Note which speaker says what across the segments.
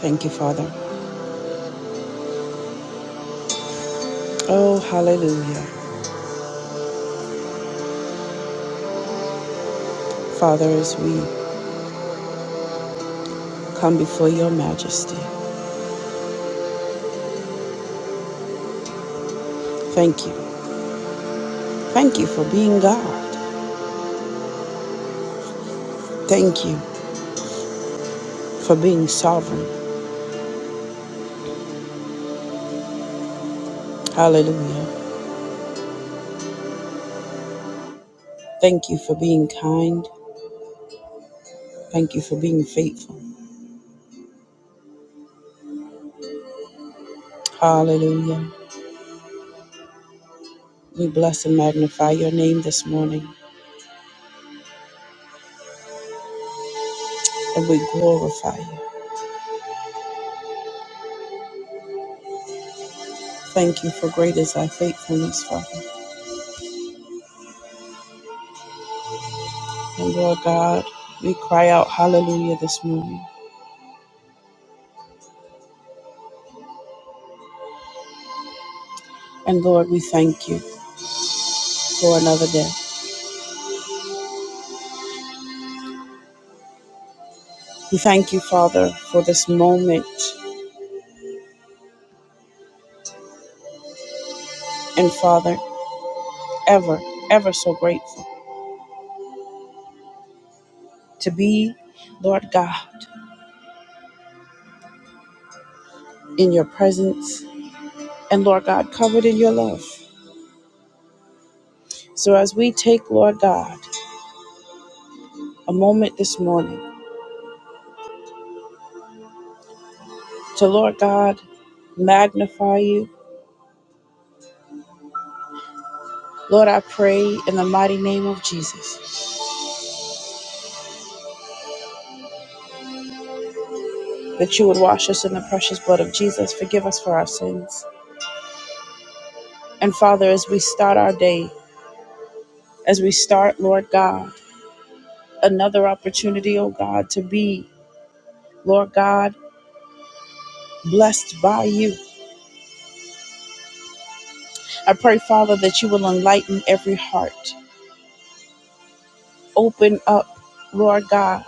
Speaker 1: Thank you, Father. Oh, hallelujah. Father, as we come before your majesty, thank you. Thank you for being God. Thank you for being sovereign. Hallelujah. Thank you for being kind. Thank you for being faithful. Hallelujah. We bless and magnify your name this morning and we glorify you. Thank you for great is thy faithfulness, Father. And Lord God, we cry out hallelujah this morning. And Lord, we thank you for another day. We thank you, Father, for this moment. And Father, ever, ever so grateful to be, Lord God, in your presence and, Lord God, covered in your love. So as we take, Lord God, a moment this morning to, Lord God, magnify you, Lord, I pray in the mighty name of Jesus that you would wash us in the precious blood of Jesus, forgive us for our sins. And Father, as we start our day, as we start, Lord God, another opportunity, oh God, to be, Lord God, blessed by you. I pray, Father, that you will enlighten every heart. Open up, Lord God,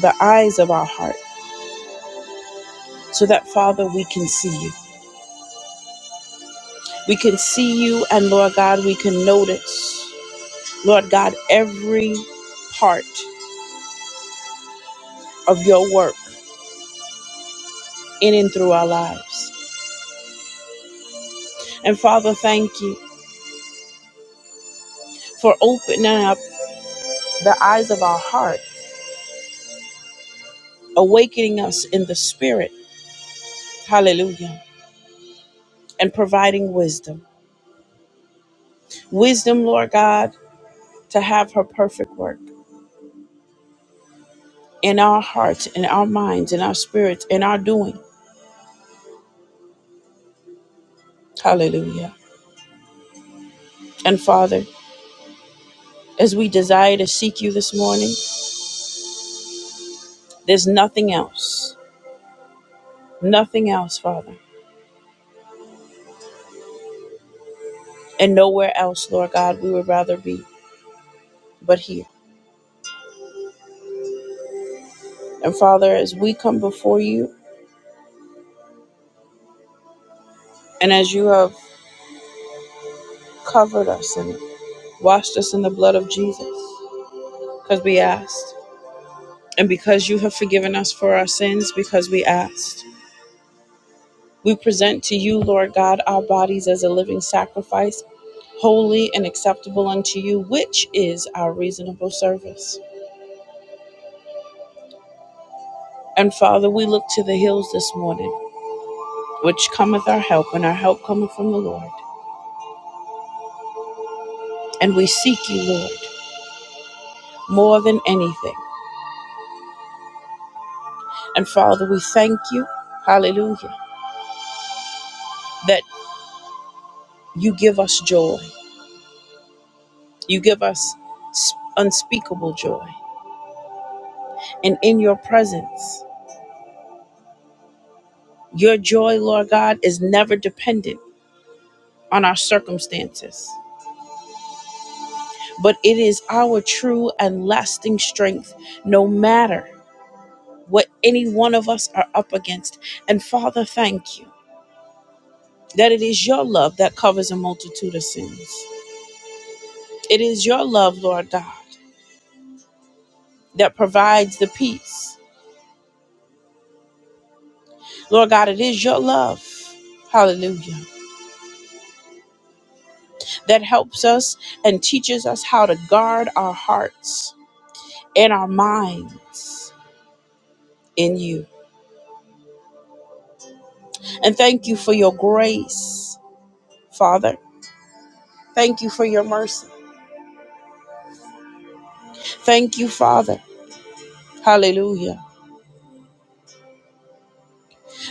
Speaker 1: the eyes of our heart so that, Father, we can see you. We can see you, and Lord God, we can notice, Lord God, every part of your work in and through our lives. And Father, thank you for opening up the eyes of our heart, awakening us in the spirit. Hallelujah and providing wisdom. Wisdom, Lord God, to have her perfect work in our hearts, in our minds, in our spirits, in our doing. Hallelujah. And Father, as we desire to seek you this morning, there's nothing else, nothing else, Father, and nowhere else, Lord God, we would rather be but here. And Father, as we come before you and as you have covered us and washed us in the blood of Jesus, because we asked, and because you have forgiven us for our sins, because we asked. We present to you, Lord God, our bodies as a living sacrifice, holy and acceptable unto you, which is our reasonable service. And Father, we look to the hills this morning, which cometh our help, and our help cometh from the Lord. And we seek you, Lord, more than anything. And Father, we thank you, hallelujah, that you give us joy. You give us unspeakable joy. And in your presence, your joy, Lord God, is never dependent on our circumstances, but it is our true and lasting strength no matter what any one of us are up against. And Father, thank you that it is your love that covers a multitude of sins. It is your love, Lord God, that provides the peace. Lord God, it is your love. Hallelujah. That helps us and teaches us how to guard our hearts and our minds in you. And thank you for your grace Father. Thank you for your mercy. Thank you, Father. Hallelujah.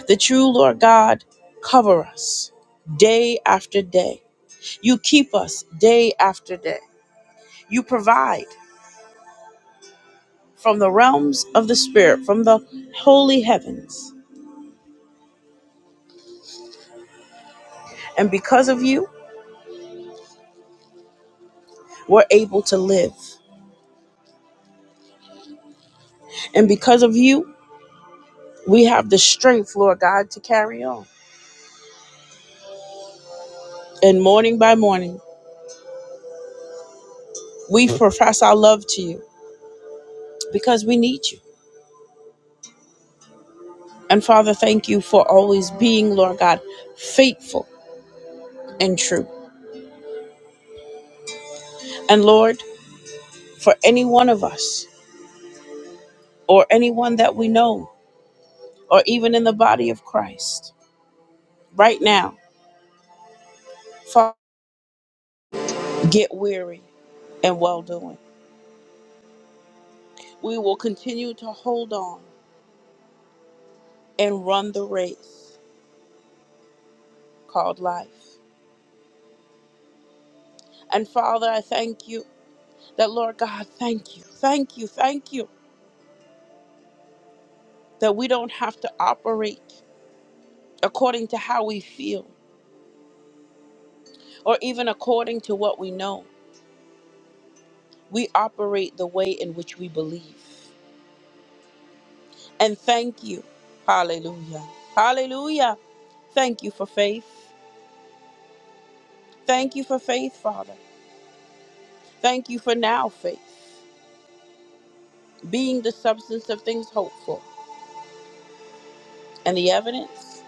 Speaker 1: That you, Lord God, cover us day after day. You keep us day after day. You provide from the realms of the Spirit, from the holy heavens. And because of you, we're able to live. And because of you, we have the strength, Lord God, to carry on. And morning by morning, we profess our love to you because we need you. And Father, thank you for always being, Lord God, faithful and true. And Lord, for any one of us or anyone that we know or even in the body of Christ, right now, Father, get weary and well doing. We will continue to hold on and run the race called life. And Father, I thank you that, Lord God, thank you, thank you, thank you that we don't have to operate according to how we feel or even according to what we know. We operate the way in which we believe. And thank you. Hallelujah. Hallelujah. Thank you for faith. Thank you for faith, Father. Thank you for now faith, being the substance of things hoped for and the evidence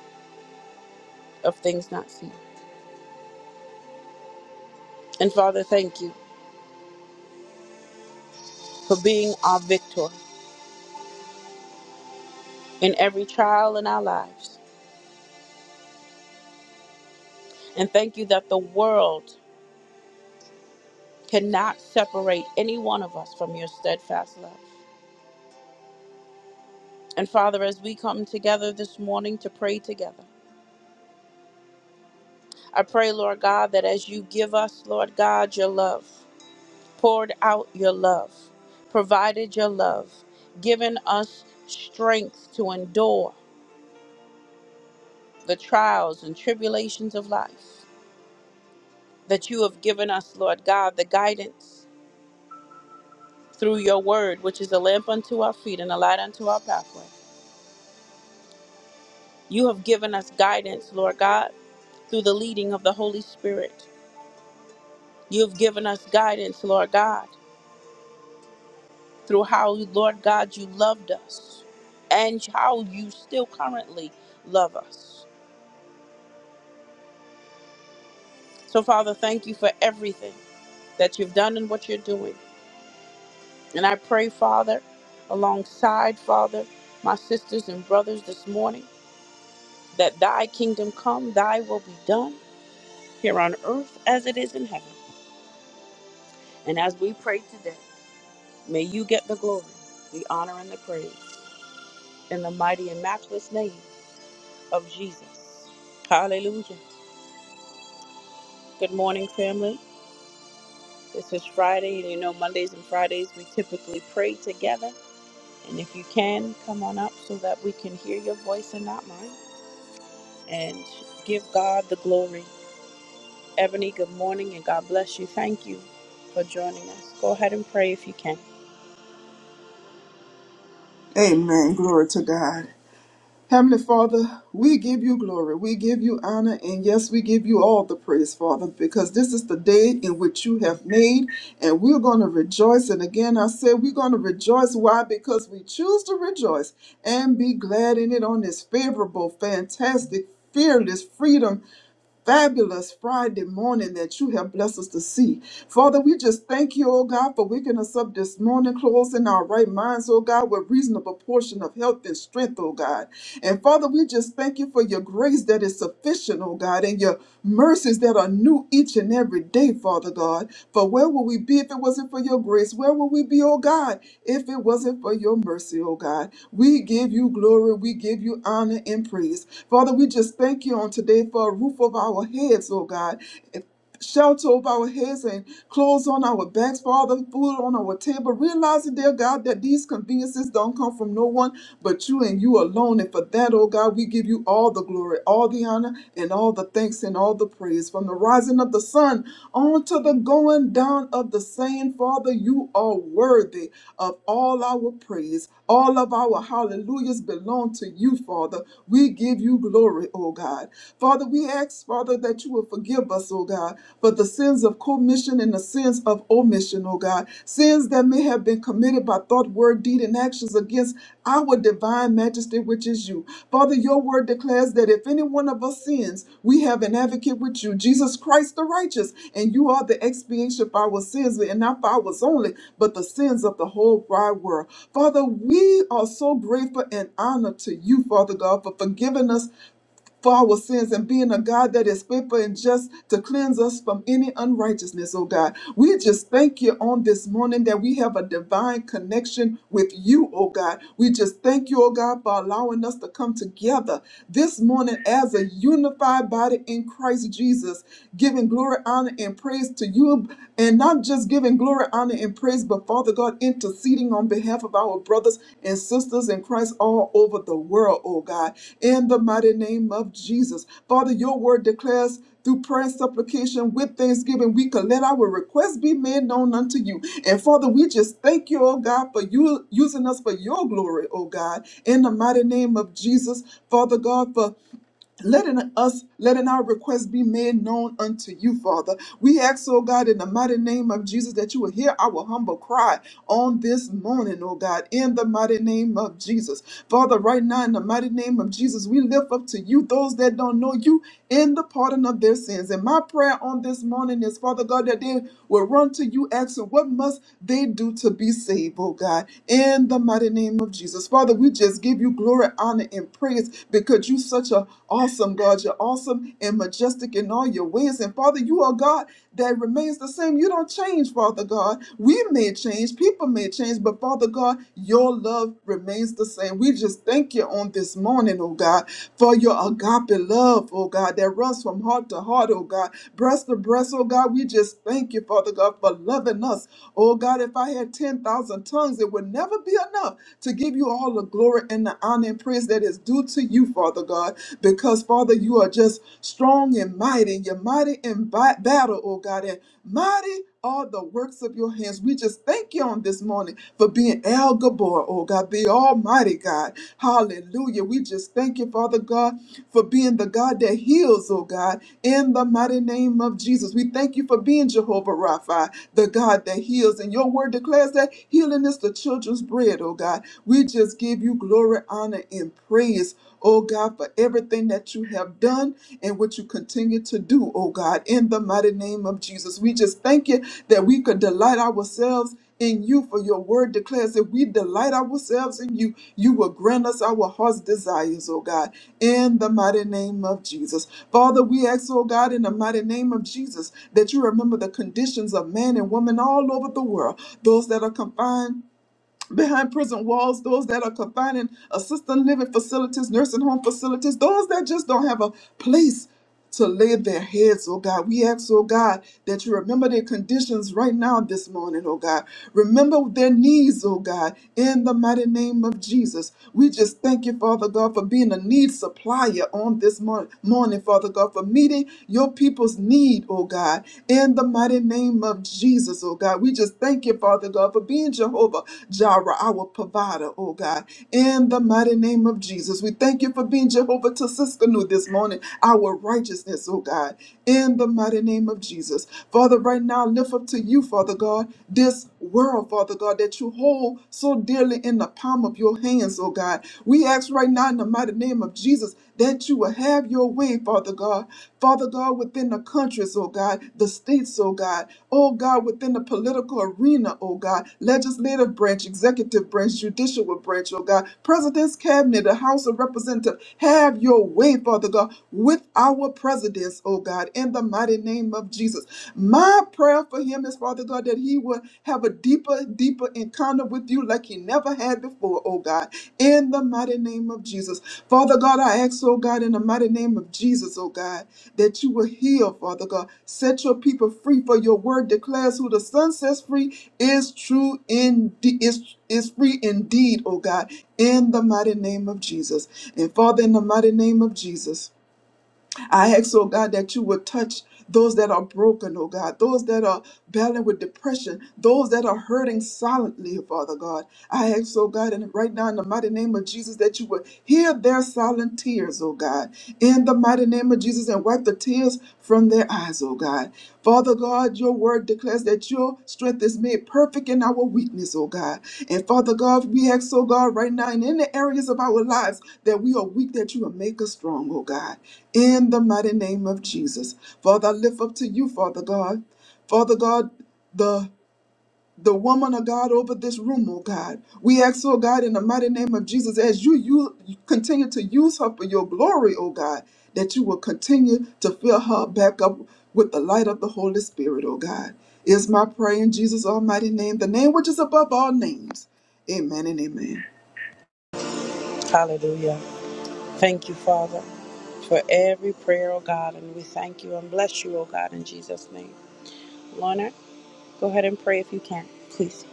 Speaker 1: of things not seen. And Father, thank you for being our victor in every trial in our lives. And thank you that the world cannot separate any one of us from your steadfast love. And Father, as we come together this morning to pray together, I pray, Lord God, that as you give us, Lord God, your love, poured out your love, provided your love, given us strength to endure the trials and tribulations of life, that you have given us, Lord God, the guidance through your word, which is a lamp unto our feet and a light unto our pathway. You have given us guidance, Lord God, through the leading of the Holy Spirit. You've given us guidance, Lord God through how, Lord God, you loved us and how you still currently love us. So, Father, thank you for everything that you've done and what you're doing. And I pray, Father, alongside, Father, my sisters and brothers this morning, that thy kingdom come, thy will be done here on earth as it is in heaven. And as we pray today, may you get the glory, the honor, and the praise in the mighty and matchless name of Jesus. Hallelujah. Good morning, family. This is Friday, and you know, Mondays and Fridays we typically pray together. And if you can, come on up so that we can hear your voice and not mine and give God the glory. Ebony, good morning, and God bless you. Thank you for joining us. Go ahead and pray if you can.
Speaker 2: Amen. Glory to God. Heavenly Father, we give you glory. We give you honor. And yes, we give you all the praise, Father, because this is the day in which you have made. And we're going to rejoice. And again, I said we're going to rejoice. Why? Because we choose to rejoice and be glad in it on this favorable, fantastic, fearless freedom fabulous Friday morning that you have blessed us to see. Father, we just thank you, oh God, for waking us up this morning, closing our right minds, oh God, with reasonable portion of health and strength, oh God. And Father, we just thank you for your grace that is sufficient, oh God, and your mercy mercies that are new each and every day, Father God. For where would we be if it wasn't for your grace? Where would we be, oh God, if it wasn't for your mercy, oh God? We give you glory, we give you honor and praise. Father, we just thank you on today for a roof of our heads, oh God shelter over our heads and clothes on our backs, Father, food on our table, realizing, dear God, that these conveniences don't come from no one but you and you alone. And for that, oh God, we give you all the glory, all the honor, and all the thanks and all the praise. From the rising of the sun on to the going down of the same, Father, you are worthy of all our praise. All of our hallelujahs belong to you, Father. We give you glory, oh God. Father, we ask, Father, that you will forgive us, oh God, for the sins of commission and the sins of omission, oh God. Sins that may have been committed by thought, word, deed, and actions against our divine majesty advocate, which is you. Father, your word declares that if any one of us sins, we have an advocate with you, Jesus Christ the righteous, and you are the expiation for our sins, and not for ours only, but the sins of the whole wide world. Father, we are so grateful and honored to you, Father God, for forgiving us for our sins and being a God that is faithful and just to cleanse us from any unrighteousness, oh God. We just thank you on this morning that we have a divine connection with you, oh God. We just thank you, oh God, for allowing us to come together this morning as a unified body in Christ Jesus, giving glory, honor, and praise to you, and not just giving glory, honor, and praise and praise, but Father God, interceding on behalf of our brothers and sisters in Christ all over the world, oh God, in the mighty name of Jesus. Father, your word declares through prayer and supplication with thanksgiving, we can let our requests be made known unto you. And Father, we just thank you, oh God, for you using us for your glory, oh God, in the mighty name of Jesus. Father God, for letting us letting our requests be made known unto you father we ask oh god in the mighty name of jesus that you will hear our humble cry on this morning oh god in the mighty name of jesus father right now in the mighty name of jesus we lift up to you those that don't know you in the pardon of their sins and my prayer on this morning is father god that they will run to you asking what must they do to be saved oh god in the mighty name of jesus father we just give you glory honor and praise praise because you're such an awesome God. You're awesome and majestic in all your ways. And Father, you are God that remains the same. You don't change, Father God. We may change, people may change, but Father God, your love remains the same. We just thank you on this morning, oh God, for your agape love, oh God, that runs from heart to heart, oh God, breast to breast, oh God. We just thank you, Father God, for loving us. Oh God, if I had 10,000 tongues, it would never be enough to give you all the glory and the the honor and praise that is due to you, Father God, because, Father, you are just strong and mighty. You're mighty in bi- battle, oh God, and mighty are the works of your hands. We just thank you on this morning for being El Gabor, oh God, the Almighty God. Hallelujah. We just thank you, Father God, for being the God that heals, oh God, in the mighty name of Jesus. We thank you for being Jehovah Rapha, the God that heals. And your word declares that healing is the children's bread, oh God. God. We just give you glory, honor, and praise, oh God, for everything that you have done and what you continue to do, oh God, in the mighty name of Jesus. We just thank you that we could delight ourselves in you, for your word declares that we delight ourselves in you. You will grant us our heart's desires, oh God, in the mighty name of Jesus. Father, we ask, oh God, in the mighty name of Jesus, that you remember the conditions of man and woman all over the world, those that are confined behind prison walls, those that are confined in assisted living facilities, nursing home facilities, those that just don't have a place to lay their heads, oh God. We ask, oh God, that you remember their conditions right now this morning, oh God. Remember their needs, oh God, in the mighty name of Jesus. We just thank you, Father God, for being a need supplier on this morning, morning Father God, for meeting your people's needs need, oh God, in the mighty name of Jesus, oh God. We just thank you, Father God, for being Jehovah Jireh, our provider, oh God, in the mighty name of Jesus. We thank you for being Jehovah Tisiskanu this morning, our righteousness, oh God, in the mighty name of Jesus. Father, right now, lift up to you, Father God, this world, Father God, that you hold so dearly in the palm of your hands, oh God. We ask right now in the mighty name of Jesus that you will have your way, Father God. Father God, within the countries, oh God, the states, oh God, oh God, within the political arena, oh God, legislative branch, executive branch, judicial branch, oh God, president's cabinet, the House of Representatives, have your way, Father God, with our presidents, oh God, in the mighty name of Jesus. My prayer for him is, Father God, that he would have have a deeper, deeper encounter with you like he never had before, oh God, in the mighty name of Jesus. Father God, I ask, oh God, in the mighty name of Jesus, oh God, that you will heal, Father God. Set your people free, for your word declares who the Son sets free is true indeed, is, is free indeed, oh God, in the mighty name of Jesus. And Father, in the mighty name of Jesus. I ask, oh God, that you would touch those that are broken, oh God, those that are battling with depression, those that are hurting silently, Father God. I ask, oh God, and right now in the mighty name of Jesus, that you would hear their silent tears, oh God, in the mighty name of Jesus, and wipe the tears from their eyes, oh God. God. Father God, your word declares that your strength is made perfect in our weakness, oh God. And Father God, we ask, oh God, right now in the areas of our lives that we are weak, that you will make us strong, oh God. In the mighty name of Jesus. Father, I lift up to you, Father God. Father God, the the woman of God over this room, oh God. We ask, oh God, in the mighty name of Jesus, as you, you continue to use her for your glory, oh God, that you will continue to fill her back up with the light of the Holy Spirit, oh God. Is my prayer in Jesus' almighty name, the name which is above all names. Amen and amen.
Speaker 1: Hallelujah. Thank you, Father, for every prayer, oh God, and we thank you and bless you, oh God, in Jesus' name. Lorna, go ahead and pray if you can, please.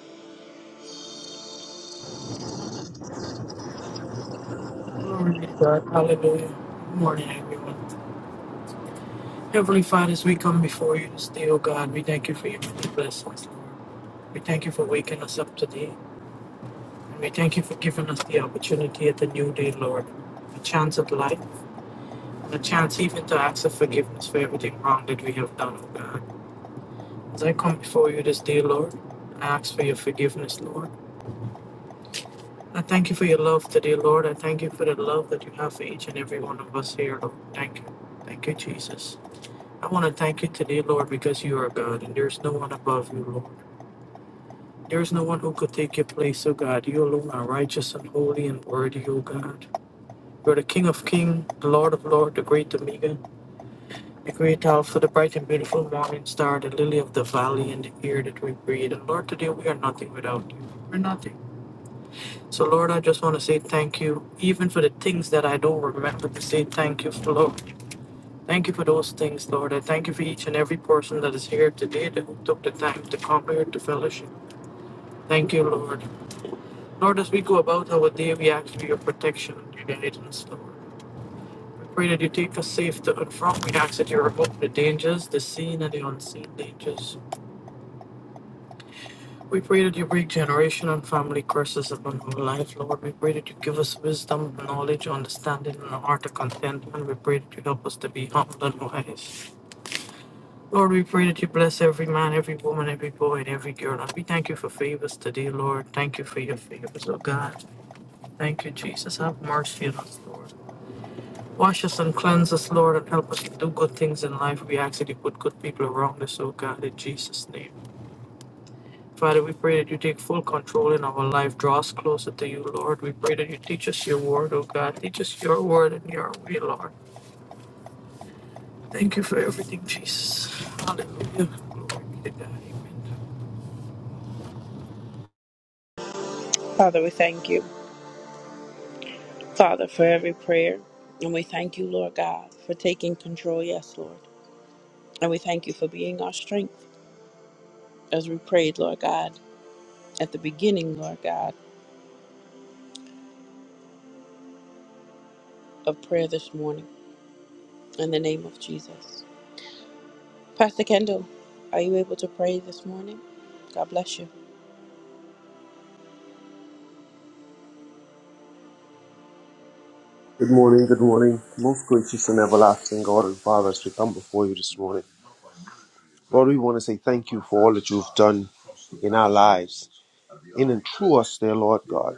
Speaker 3: Glory be to God. Hallelujah. Good morning, everyone. Heavenly Father, as we come before you this day, oh God, we thank you for your many blessings, Lord. We thank you for waking us up today. And we thank you for giving us the opportunity at the new day, Lord. A chance at life, and a chance even to ask for forgiveness for everything wrong that we have done, oh God. As I come before you this day, Lord, I ask for your forgiveness, Lord. I thank you for your love today, Lord. I thank you for the love that you have for each and every one of us here, Lord. Thank you. Thank you, Jesus. I want to thank you today, Lord, because you are God and there is no one above you, Lord. There is no one who could take your place, O God. You alone are righteous and holy and worthy, O God. You are the King of kings, the Lord of lords, the great Omega, the great Alpha, the bright and beautiful morning star, the lily of the valley, and the air that we breathe. And Lord, today we are nothing without you. We're nothing. So, Lord, I just want to say thank you, even for the things that I don't remember to say thank you for, Lord. Thank you for those things, Lord. I thank you for each and every person that is here today that who took the time to come here to fellowship. Thank you, Lord. Lord, as we go about our day, we ask for your protection and your guidance, Lord. We pray that you take us safe to and from. We ask that you remove the dangers, the seen and the unseen dangers. We pray that you break generation and family curses upon our life, Lord. We pray that you give us wisdom, knowledge, understanding, and a heart of contentment. We pray that you help us to be humble and wise. Lord, we pray that you bless every man, every woman, every boy, and every girl. And we thank you for favors today, Lord. Thank you for your favors, oh God. Thank you, Jesus. Have mercy on us, Lord. Wash us and cleanse us, Lord, and help us to do good things in life. We ask that you put good people around us, oh God, in Jesus' name. Father, we pray that you take full control in our life. Draw us closer to you, Lord. We pray that you teach us your word, oh God. Teach us your word and your way, Lord. Thank you for everything, Jesus. Hallelujah. Glory be to God. Amen.
Speaker 1: Father, we thank you. Father, for every prayer. And we thank you, Lord God, for taking control. Yes, Lord. And we thank you for being our strength as we prayed, Lord God, at the beginning, Lord God, of prayer this morning. In the name of Jesus. Pastor Kendall, are you able to pray this morning? God bless you.
Speaker 4: Good morning, good morning. Most gracious and everlasting God and Father, as we come before you this morning, Lord, we want to say thank you for all that you've done in our lives, in and through us, dear Lord God.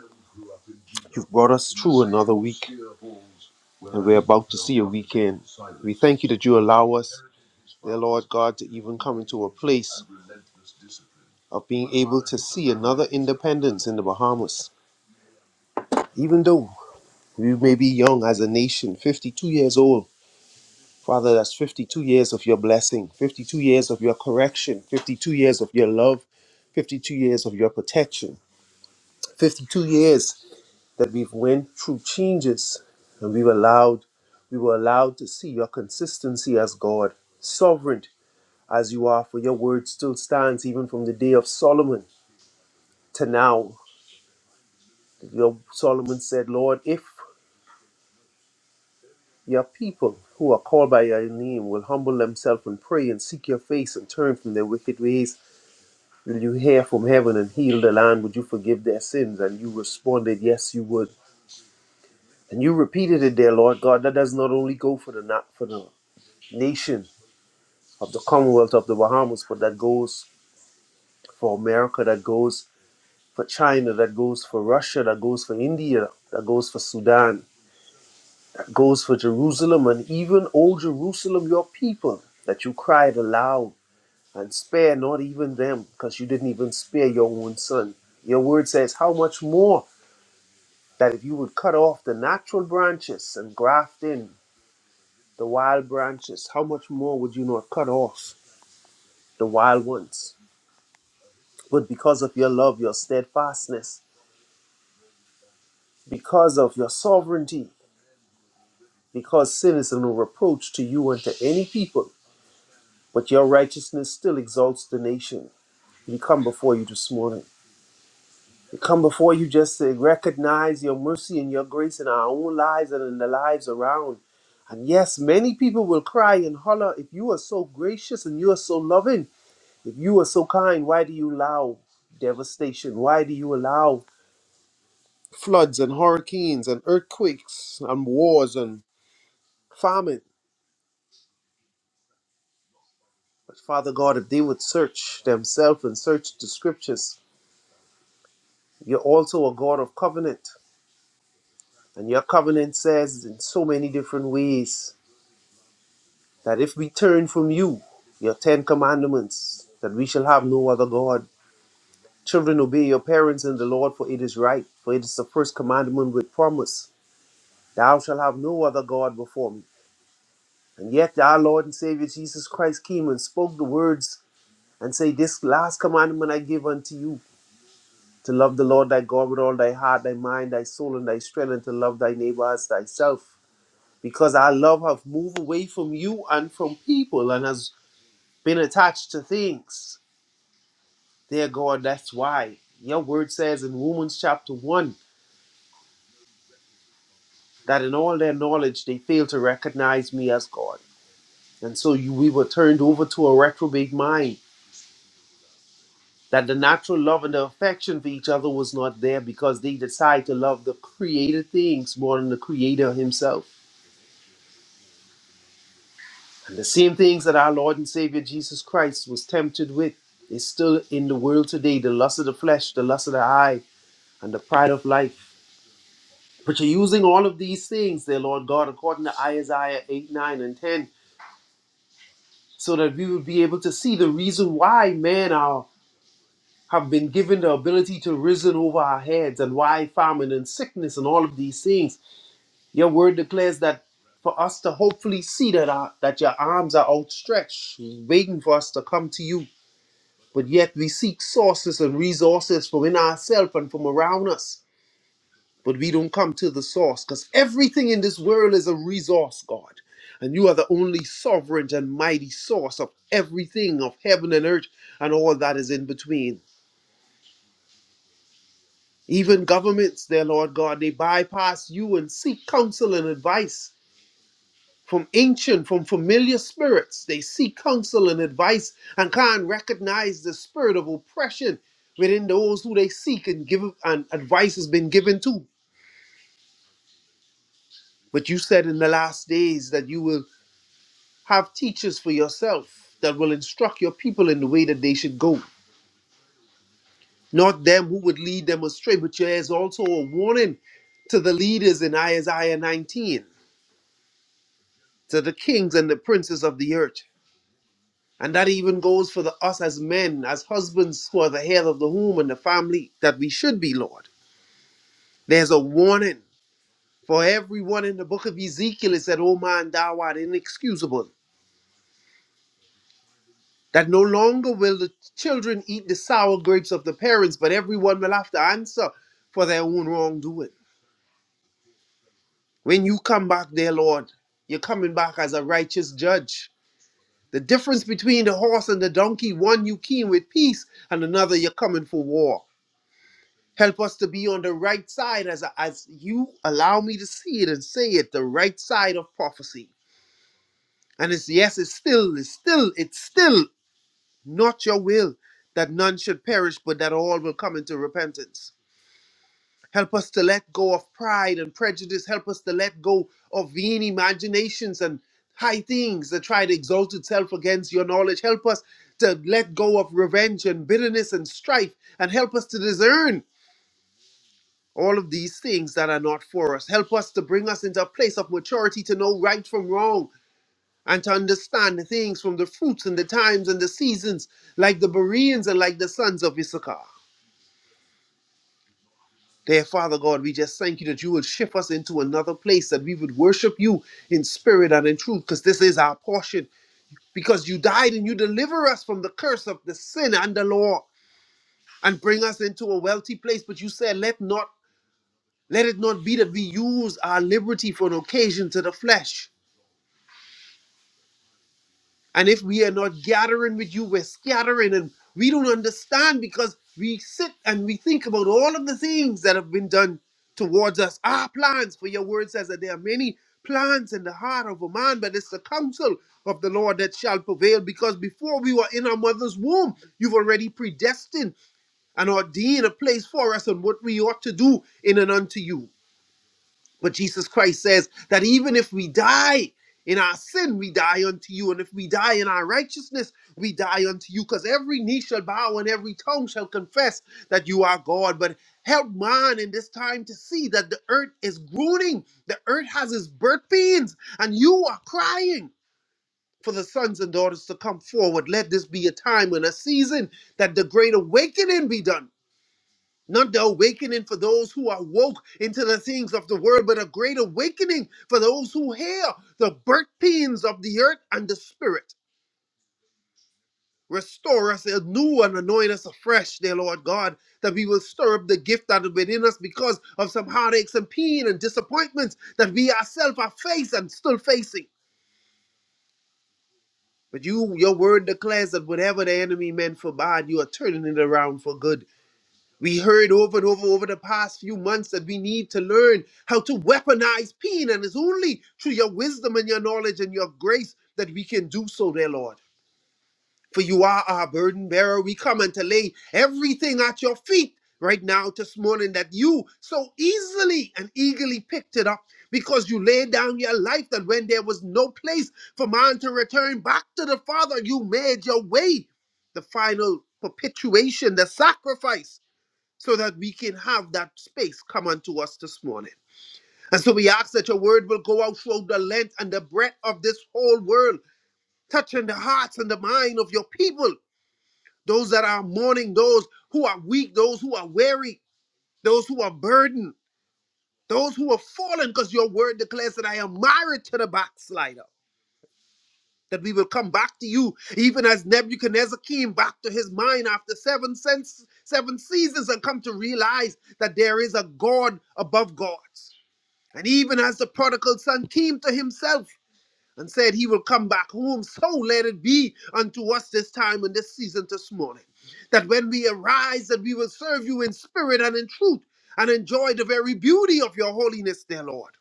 Speaker 4: You've brought us through another week, and we're about to see a weekend. We thank you that you allow us, dear Lord God, to even come into a place of being able to see another independence in the Bahamas, even though we may be young as a nation, 52 years old. Father, that's 52 years of your blessing, 52 years of your correction, 52 years of your love, 52 years of your protection, 52 years that we've went through changes and we were allowed, we were allowed to see your consistency as God, sovereign as you are, for your word still stands even from the day of Solomon to now. Your Solomon said, Lord, if your people who are called by your name will humble themselves and pray and seek your face and turn from their wicked ways, Will you hear from heaven and heal the land? Would you forgive their sins? And you responded, Yes, you would. And you repeated it there, Lord God. That does not only go for the na- for the nation of the Commonwealth of the Bahamas, but that goes for America, that goes for China, that goes for Russia, that goes for India, that goes for Sudan, that goes for Jerusalem, and even old Jerusalem, your people, that you cried aloud and spare not even them, because you didn't even spare your own son. Your word says, How much more? that if you would cut off the natural branches and graft in the wild branches, how much more would you not cut off the wild ones? But because of your love, your steadfastness, because of your sovereignty, because sin is no reproach to you and to any people, but your righteousness still exalts the nation. We come before you this morning. We come before you just to recognize your mercy and your grace in our own lives and in the lives around. And yes, many people will cry and holler, if you are so gracious and you are so loving, if you are so kind, why do you allow devastation? Why do you allow floods and hurricanes and earthquakes and wars and famine? But Father God, if they would search themselves and search the scriptures, you're also a God of covenant. And your covenant says in so many different ways that if we turn from you, your Ten Commandments, that we shall have no other God. Children, obey your parents in the Lord, for it is right, for it is the first commandment with promise. Thou shalt have no other God before me. And yet our Lord and Savior Jesus Christ came and spoke the words and say, This last commandment I give unto you, to love the Lord thy God with all thy heart, thy mind, thy soul, and thy strength, and to love thy neighbor as thyself. Because our love hath moved away from you and from people and has been attached to things. Dear God, that's why your word says in Romans chapter 1 that in all their knowledge they failed to recognize me as God. And so you, we were turned over to a reprobate mind, that the natural love and the affection for each other was not there because they decided to love the created things more than the Creator Himself. And the same things that our Lord and Savior Jesus Christ was tempted with is still in the world today the lust of the flesh, the lust of the eye, and the pride of life. But you're using all of these things there, Lord God, according to Isaiah 8, 9, and 10, so that we would be able to see the reason why men are have been given the ability to risen over our heads and why famine and sickness and all of these things. Your word declares that for us to hopefully see that our, that your arms are outstretched, waiting for us to come to you. But yet we seek sources and resources from in ourselves and from around us. but we don't come to the source because everything in this world is a resource, God. And you are the only sovereign and mighty source of everything of heaven and earth and all that is in between. Even governments, dear Lord God, they bypass you and seek counsel and advice from ancient, from familiar spirits. They seek counsel and advice and can't recognize the spirit of oppression within those who they seek and give and advice has been given to. But you said in the last days that you will Have teachers for yourself that will instruct your people in the way that they should go, not them who would lead them astray. But there is also a warning to the leaders in Isaiah 19, to the kings and the princes of the earth. And that even goes for the, us as men, as husbands who are the head of the home and the family, that we should be, Lord. There's a warning for everyone in the book of Ezekiel. It said, O man, thou art inexcusable. that no longer will the children eat the sour grapes of the parents, but everyone will have to answer for their own wrongdoing. When you come back, dear Lord, you're coming back as a righteous judge. The difference between the horse and the donkey, one you keen with peace, and another you're coming for war. Help us to be on the right side as, as you allow me to see it and say it, the right side of prophecy. And it's yes, it's still, it's still, it's still not your will that none should perish, but that all will come into repentance. Help us to let go of pride and prejudice. Help us to let go of vain imaginations and high things that try to exalt itself against your knowledge. Help us to let go of revenge and bitterness and strife, and help us to discern all of these things that are not for us. Help us to bring us into a place of maturity to know right from wrong and to understand the things from the fruits and the times and the seasons, like the Bereans and like the sons of Issachar. Dear Father God, we just thank you that you would shift us into another place, that we would worship you in spirit and in truth, because this is our portion. Because you died and you deliver us from the curse of the sin and the law and bring us into a wealthy place. But you said, let not let it not be that we use our liberty for an occasion to the flesh, And if we are not gathering with you, we're scattering and we don't understand because we sit and we think about all of the things that have been done towards us. Our plans, for your word says that there are many plans in the heart of a man, but it's the counsel of the Lord that shall prevail because before we were in our mother's womb, you've already predestined and ordained a place for us and what we ought to do in and unto you. But Jesus Christ says that even if we die in our sin, we die unto you. And if we die in our righteousness, we die unto you. Because every knee shall bow and every tongue shall confess that you are God. But help man in this time to see that the earth is groaning, the earth has its birth pains, and you are crying. For the sons and daughters to come forward. Let this be a time and a season that the great awakening be done not the awakening for those who are woke into the things of the world, but a great awakening for those who hear the birth pains of the earth and the spirit. Restore us anew and anoint us afresh, dear Lord God, that we will stir up the gift that is within us because of some heartaches and pain and disappointments that we ourselves are faced and still facing. But you, your word declares that whatever the enemy meant for bad, you are turning it around for good. We heard over and over over the past few months that we need to learn how to weaponize pain, and it's only through your wisdom and your knowledge and your grace that we can do so, dear Lord. For you are our burden bearer. We come and to lay everything at your feet right now this morning that you so easily and eagerly picked it up because you laid down your life that when there was no place for man to return back to the Father, you made your way. The final perpetuation, the sacrifice so that we can have that space come unto us this morning. And so we ask that your word will go out throughout the length and the breadth of this whole world, touching the hearts and the mind of your people, those that are mourning, those who are weak, those who are weary, those who are burdened, those who are fallen, because your word declares that I am married to the backslider. That we will come back to you, even as Nebuchadnezzar came back to his mind after seven, sense, seven seasons and come to realize that there is a God above gods. And even as the prodigal son came to himself and said he will come back home, so let it be unto us this time and this season this morning. That when we arise, that we will serve you in spirit and in truth and enjoy the very beauty of your holiness, dear Lord.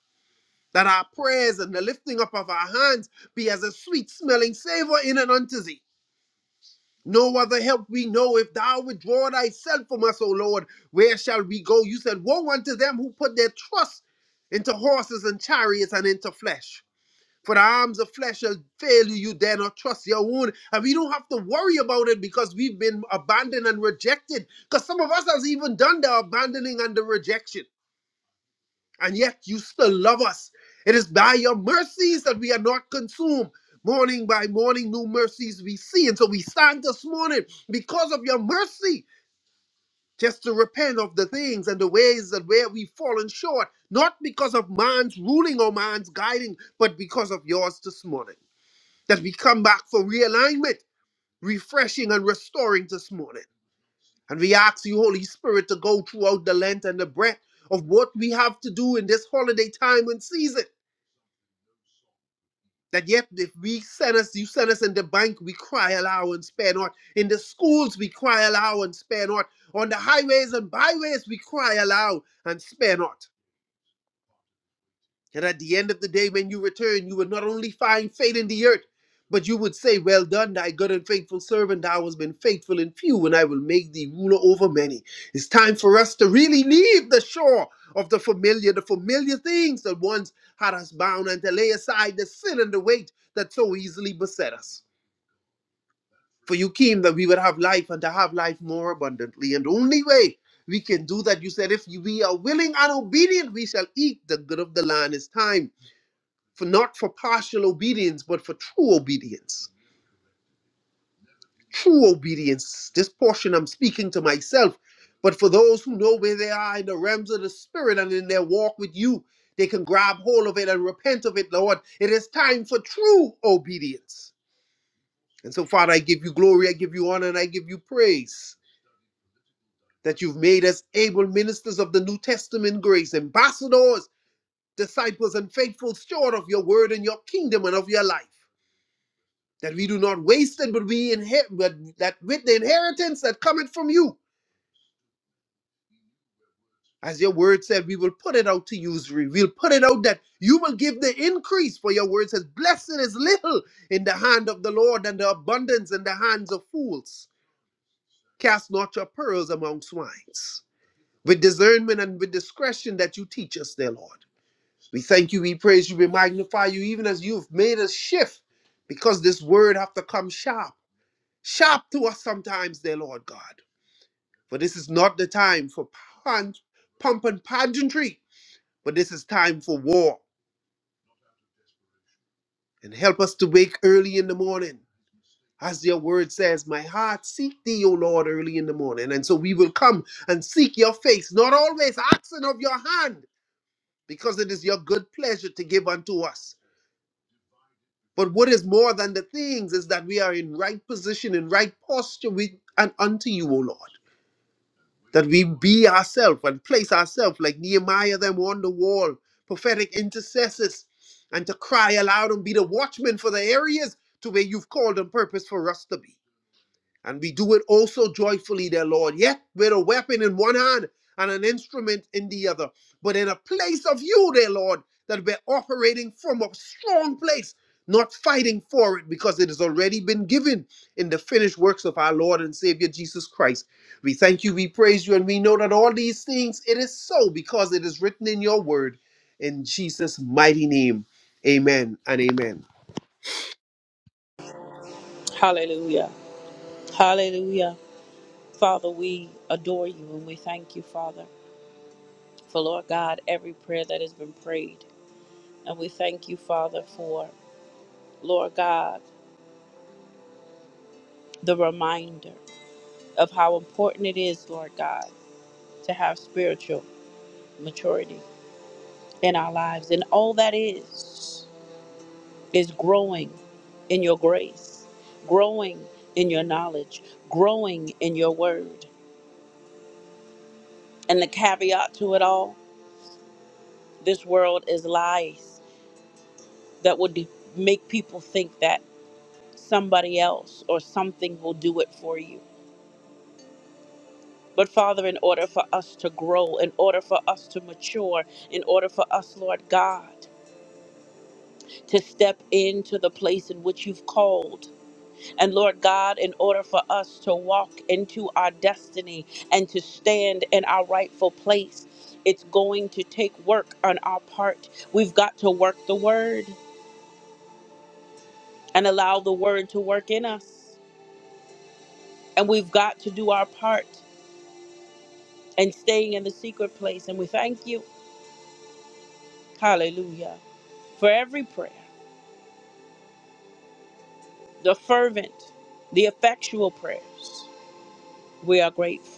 Speaker 4: That our prayers and the lifting up of our hands be as a sweet smelling savor in and unto thee. No other help we know. If thou withdraw thyself from us, O Lord, where shall we go? You said, Woe unto them who put their trust into horses and chariots and into flesh. For the arms of flesh shall fail you, you dare not trust your own. And we don't have to worry about it because we've been abandoned and rejected. Because some of us has even done the abandoning and the rejection and yet you still love us. It is by your mercies that we are not consumed. Morning by morning, new mercies we see. And so we stand this morning because of your mercy, just to repent of the things and the ways that where we've fallen short, not because of man's ruling or man's guiding, but because of yours this morning. That we come back for realignment, refreshing and restoring this morning. And we ask you, Holy Spirit, to go throughout the length and the breadth of what we have to do in this holiday time and season That yet, if we send us, you send us in the bank, we cry aloud and spare not. In the schools, we cry aloud and spare not. On the highways and byways, we cry aloud and spare not. That at the end of the day, when you return, you would not only find faith in the earth, but you would say, Well done, thy good and faithful servant. Thou hast been faithful in few, and I will make thee ruler over many. It's time for us to really leave the shore of the familiar, the familiar things that once had us bound, and to lay aside the sin and the weight that so easily beset us. For you came that we would have life and to have life more abundantly. And the only way we can do that, you said, if we are willing and obedient, we shall eat the good of the land. It's time for not for partial obedience, but for true obedience. True obedience. This portion I'm speaking to myself, but for those who know where they are in the realms of the spirit and in their walk with you, they can grab hold of it and repent of it, Lord. It is time for true obedience. And so, Father, I give you glory, I give you honor, and I give you praise that you've made us able ministers of the New Testament grace, ambassadors, disciples, and faithful steward of your word and your kingdom and of your life. that we do not waste it, but we inherit, but that with the inheritance that cometh from you, as your word said, we will put it out to usury. We'll put it out that you will give the increase. For your word says, "Blessed is little in the hand of the Lord, and the abundance in the hands of fools. Cast not your pearls among swines." With discernment and with discretion that you teach us, dear Lord, we thank you, we praise you, we magnify you, even as you've made us shift, because this word have to come sharp, sharp to us sometimes, dear Lord God For this is not the time for pon- pomp and pageantry, but this is time for war. And help us to wake early in the morning. As your word says, my heart seek thee, O Lord, early in the morning. And so we will come and seek your face, not always asking of your hand, because it is your good pleasure to give unto us. But what is more than the things is that we are in right position, in right posture with and unto you, O Lord. that we be ourselves and place ourselves like Nehemiah them on the wall, prophetic intercessors, and to cry aloud and be the watchmen for the areas to where you've called and purpose for us to be. And we do it also joyfully, dear Lord, yet with a weapon in one hand and an instrument in the other, but in a place of you, dear Lord, that we're operating from a strong place, not fighting for it because it has already been given in the finished works of our Lord and Savior Jesus Christ. We thank you, we praise you, and we know that all these things it is so because it is written in your word. In Jesus' mighty name, amen and amen.
Speaker 1: Hallelujah. Hallelujah. Father, we adore you and we thank you, Father, for, Lord God, every prayer that has been prayed. And we thank you, Father, for, Lord God, the reminder. of how important it is, Lord God, to have spiritual maturity in our lives. And all that is, is growing in your grace, growing in your knowledge, growing in your word. And the caveat to it all this world is lies that would make people think that somebody else or something will do it for you. But Father, in order for us to grow, in order for us to mature, in order for us, Lord God, to step into the place in which you've called. And Lord God, in order for us to walk into our destiny and to stand in our rightful place, it's going to take work on our part. We've got to work the word and allow the word to work in us. And we've got to do our part and staying in the secret place. And we thank you, hallelujah, for every prayer, the fervent, the effectual prayers. We are grateful.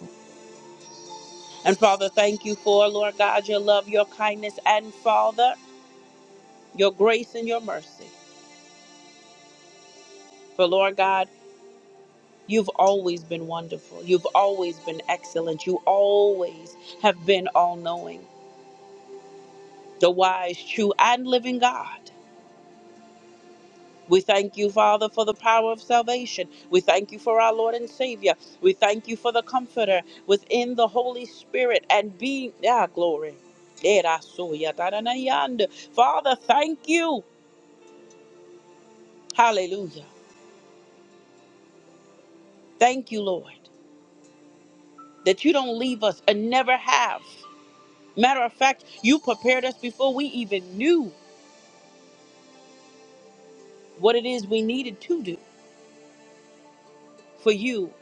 Speaker 1: And Father, thank you for, Lord God, your love, your kindness, and Father, your grace and your mercy. For, Lord God, you've always been wonderful. You've always been excellent. You always have been all knowing, the wise, true, and living God. We thank you, Father, for the power of salvation. We thank you for our Lord and Savior. We thank you for the Comforter within the Holy Spirit and being, ah, glory. Father, thank you. Hallelujah Thank you, Lord, that you don't leave us and never have. Matter of fact, you prepared us before we even knew what it is we needed to do for you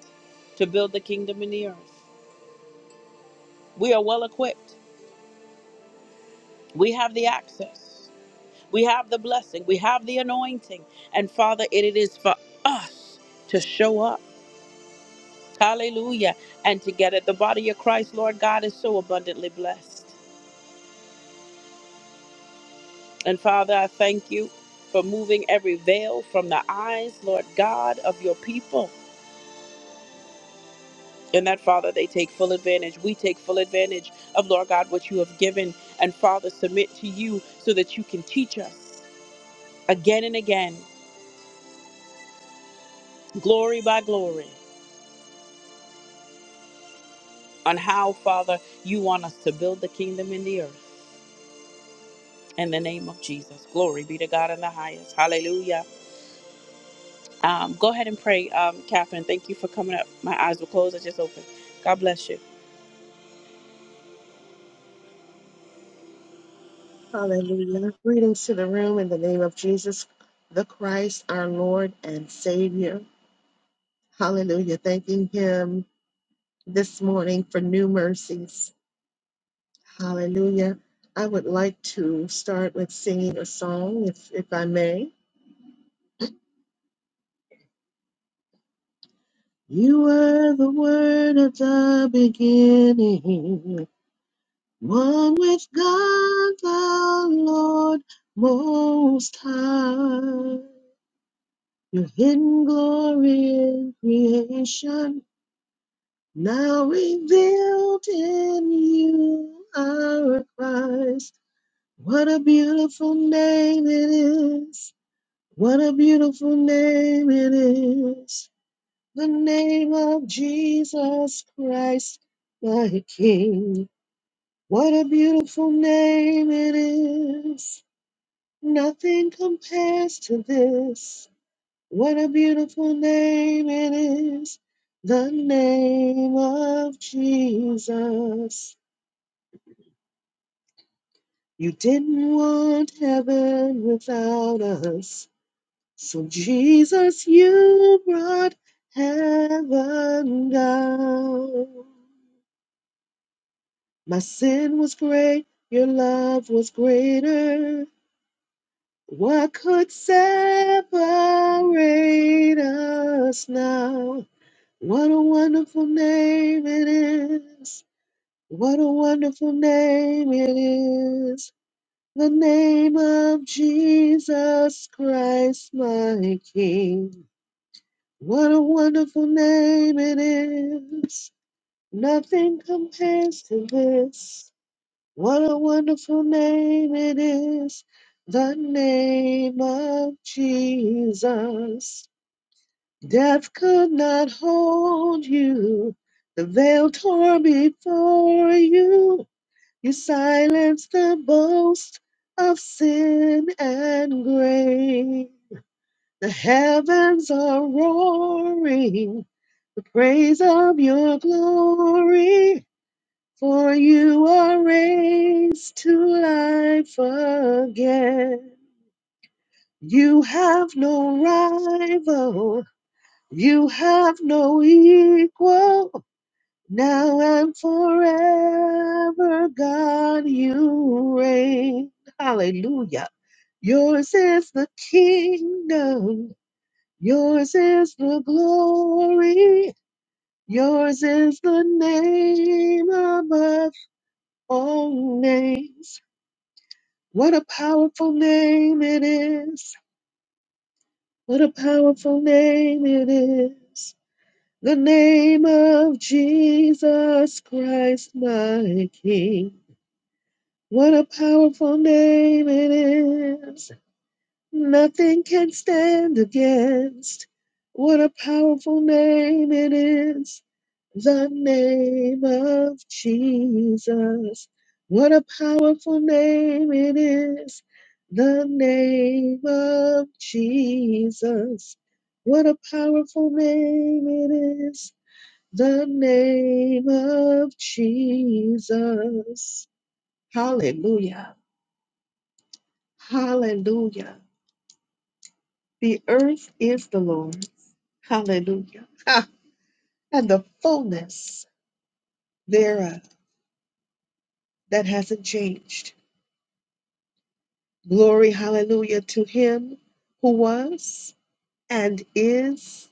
Speaker 1: to build the kingdom in the earth. We are well equipped. We have the access. We have the blessing. We have the anointing. And Father, it is for us to show up. Hallelujah. And together, The body of Christ, Lord God, is so abundantly blessed. And Father, I thank you for moving every veil from the eyes, Lord God, of your people. And that, Father, they take full advantage. We take full advantage of, Lord God, what you have given. And Father, submit to you so that you can teach us again and again, glory by glory, on how, Father, you want us to build the kingdom in the earth. In the name of Jesus. Glory be to God in the highest. Hallelujah. Um, go ahead and pray, um, Catherine. Thank you for coming up. My eyes were closed. I just opened. God bless you.
Speaker 5: Hallelujah. Greetings to the room in the name of Jesus, the Christ, our Lord and Savior. Hallelujah. Thanking Him this morning for new mercies. Hallelujah. I would like to start with singing a song, if, if I may. You were the Word at the beginning, one with God the Lord Most High. Your hidden glory in creation, now revealed in you, our Christ. What a beautiful name it is! What a beautiful name it is! The name of Jesus Christ, my King. What a beautiful name it is! Nothing compares to this. What a beautiful name it is, the name of Jesus. You didn't want heaven without us. So, Jesus, you brought heaven down. My sin was great, your love was greater. What could separate us now? What a wonderful name it is. What a wonderful name it is. The name of Jesus Christ, my King. What a wonderful name it is. Nothing compares to this. What a wonderful name it is. The name of Jesus. Death could not hold you. The veil tore before you. You silenced the boast of sin and grave. The heavens are roaring. The praise of your glory. For you are raised to life again. You have no rival You have no equal now and forever, God, you reign. Hallelujah. Yours is the kingdom, yours is the glory, yours is the name above all names. What a powerful name it is! What a powerful name it is! The name of Jesus Christ, my King. What a powerful name it is. Nothing can stand against. What a powerful name it is. The name of Jesus. What a powerful name it is. The name of Jesus. What a powerful name it is the name of Jesus. Hallelujah. Hallelujah. The earth is the Lord's. Hallelujah. Ha! And the fullness thereof that hasn't changed. Glory, hallelujah, to him who was and is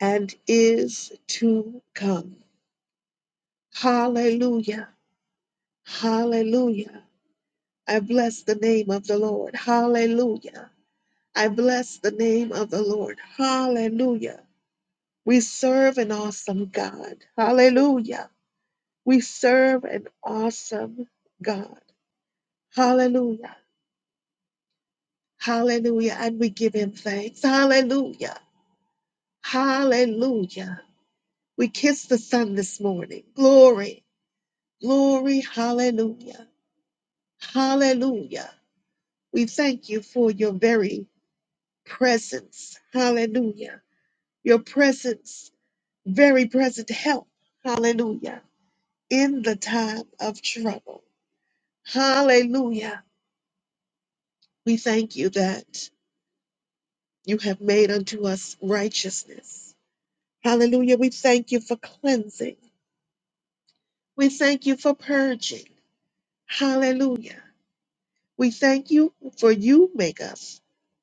Speaker 5: and is to come. Hallelujah. Hallelujah. I bless the name of the Lord. Hallelujah. I bless the name of the Lord. Hallelujah. We serve an awesome God. Hallelujah. We serve an awesome God. Hallelujah. Hallelujah. And we give him thanks. Hallelujah. Hallelujah. We kiss the sun this morning. Glory. Glory. Hallelujah. Hallelujah. We thank you for your very presence. Hallelujah. Your presence, very present help. Hallelujah in the time of trouble. Hallelujah. We thank you that you have made unto us righteousness. Hallelujah. We thank you for cleansing. We thank you for purging. Hallelujah. We thank you for you make us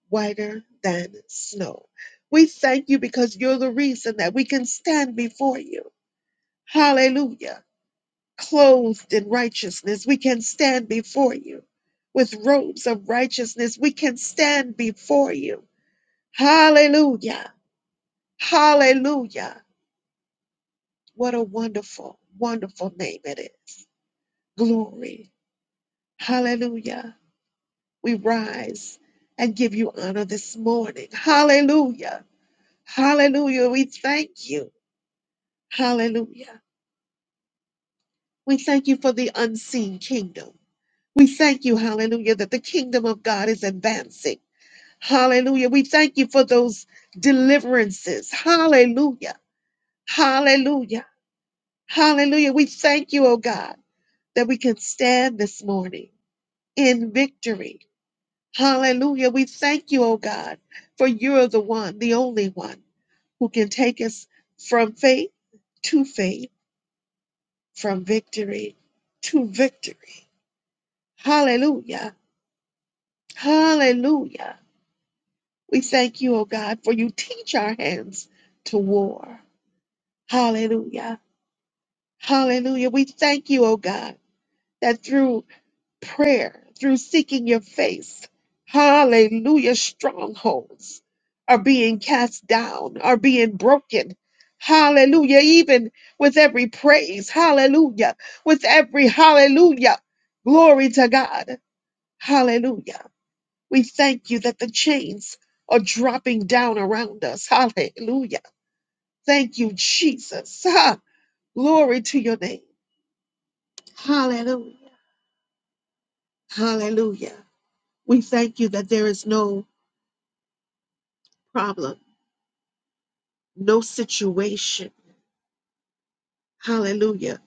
Speaker 5: whiter than snow. We thank you because you're the reason that we can stand before you. Hallelujah clothed in righteousness, we can stand before you. With robes of righteousness, we can stand before you. Hallelujah. Hallelujah. What a wonderful, wonderful name it is. Glory. Hallelujah. We rise and give you honor this morning. Hallelujah. Hallelujah. We thank you. Hallelujah. We thank you for the unseen kingdom. We thank you, hallelujah, that the kingdom of God is advancing. Hallelujah. We thank you for those deliverances. Hallelujah. Hallelujah. Hallelujah. We thank you, oh God, that we can stand this morning in victory. Hallelujah. We thank you, oh God, for you're the one, the only one who can take us from faith to faith, from victory to victory. Hallelujah. Hallelujah. We thank you, oh God, for you teach our hands to war. Hallelujah. Hallelujah. We thank you, oh God, that through prayer, through seeking your face, hallelujah, strongholds are being cast down, are being broken. Hallelujah. Even with every praise, hallelujah, with every hallelujah, glory to God. Hallelujah. We thank you that the chains are dropping down around us. Hallelujah. Thank you, Jesus. Ah, glory to your name. Hallelujah. Hallelujah. We thank you that there is no problem, no situation. Hallelujah.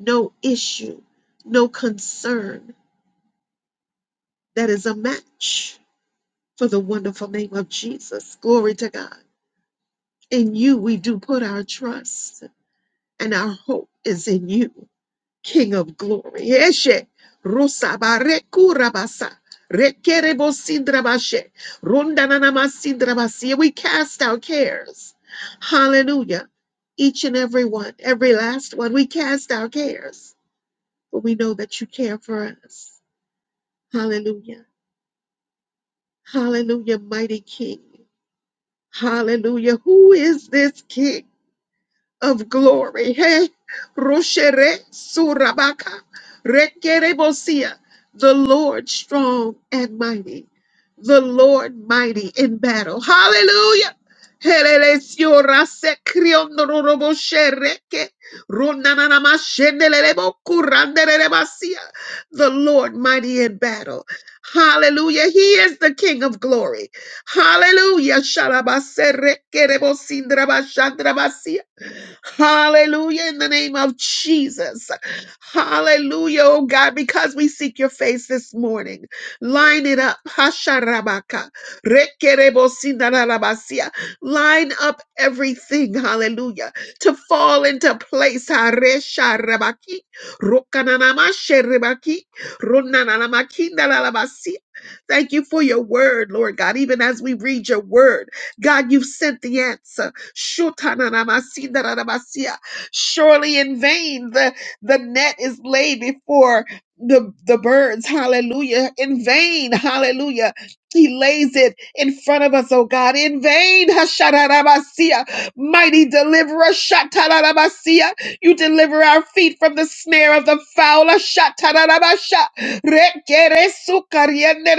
Speaker 5: No issue, no concern that is a match for the wonderful name of Jesus. Glory to God. In you, we do put our trust, and our hope is in you. King of glory. Eshe rusabareku rabasa. Rekerebo sindrabashe. Rundananama sindrabasi. We cast our cares. Hallelujah. Each and every one, every last one, we cast our cares. For we know that you care for us. Hallelujah. Hallelujah, mighty King. Hallelujah. Who is this King? of glory. Hey, Roshere Surabaka Rekerebosia, the Lord strong and mighty, the Lord mighty in battle. Hallelujah. Helelesio rase kriondororobo shereke, ronananama shendelelebo kurandelelebasia, The Lord mighty in battle. Hallelujah. He is the King of glory. Hallelujah. Shalabase rekerebo sindrabashandrabasia. Hallelujah, in the name of Jesus. Hallelujah, oh God, because we seek your face this morning. Line it up. Hasharabaka. Rekerebosinarabasia. Line up everything, hallelujah, to fall into place. Haresharabaki. Rokananamasherebaki. Ronanamakindaralabasia. Thank you for your word, Lord God. Even as we read your word, God, you've sent the answer. Shutananamasindranamasia. Surely in vain the, the net is laid before the, the birds. Hallelujah. In vain. Hallelujah. He lays it in front of us, oh God. In vain. Hashanaramasia. Mighty deliverer. Shatanaramasia. You deliver our feet from the snare of the fowler. Shatanaramasha. Requere su cariende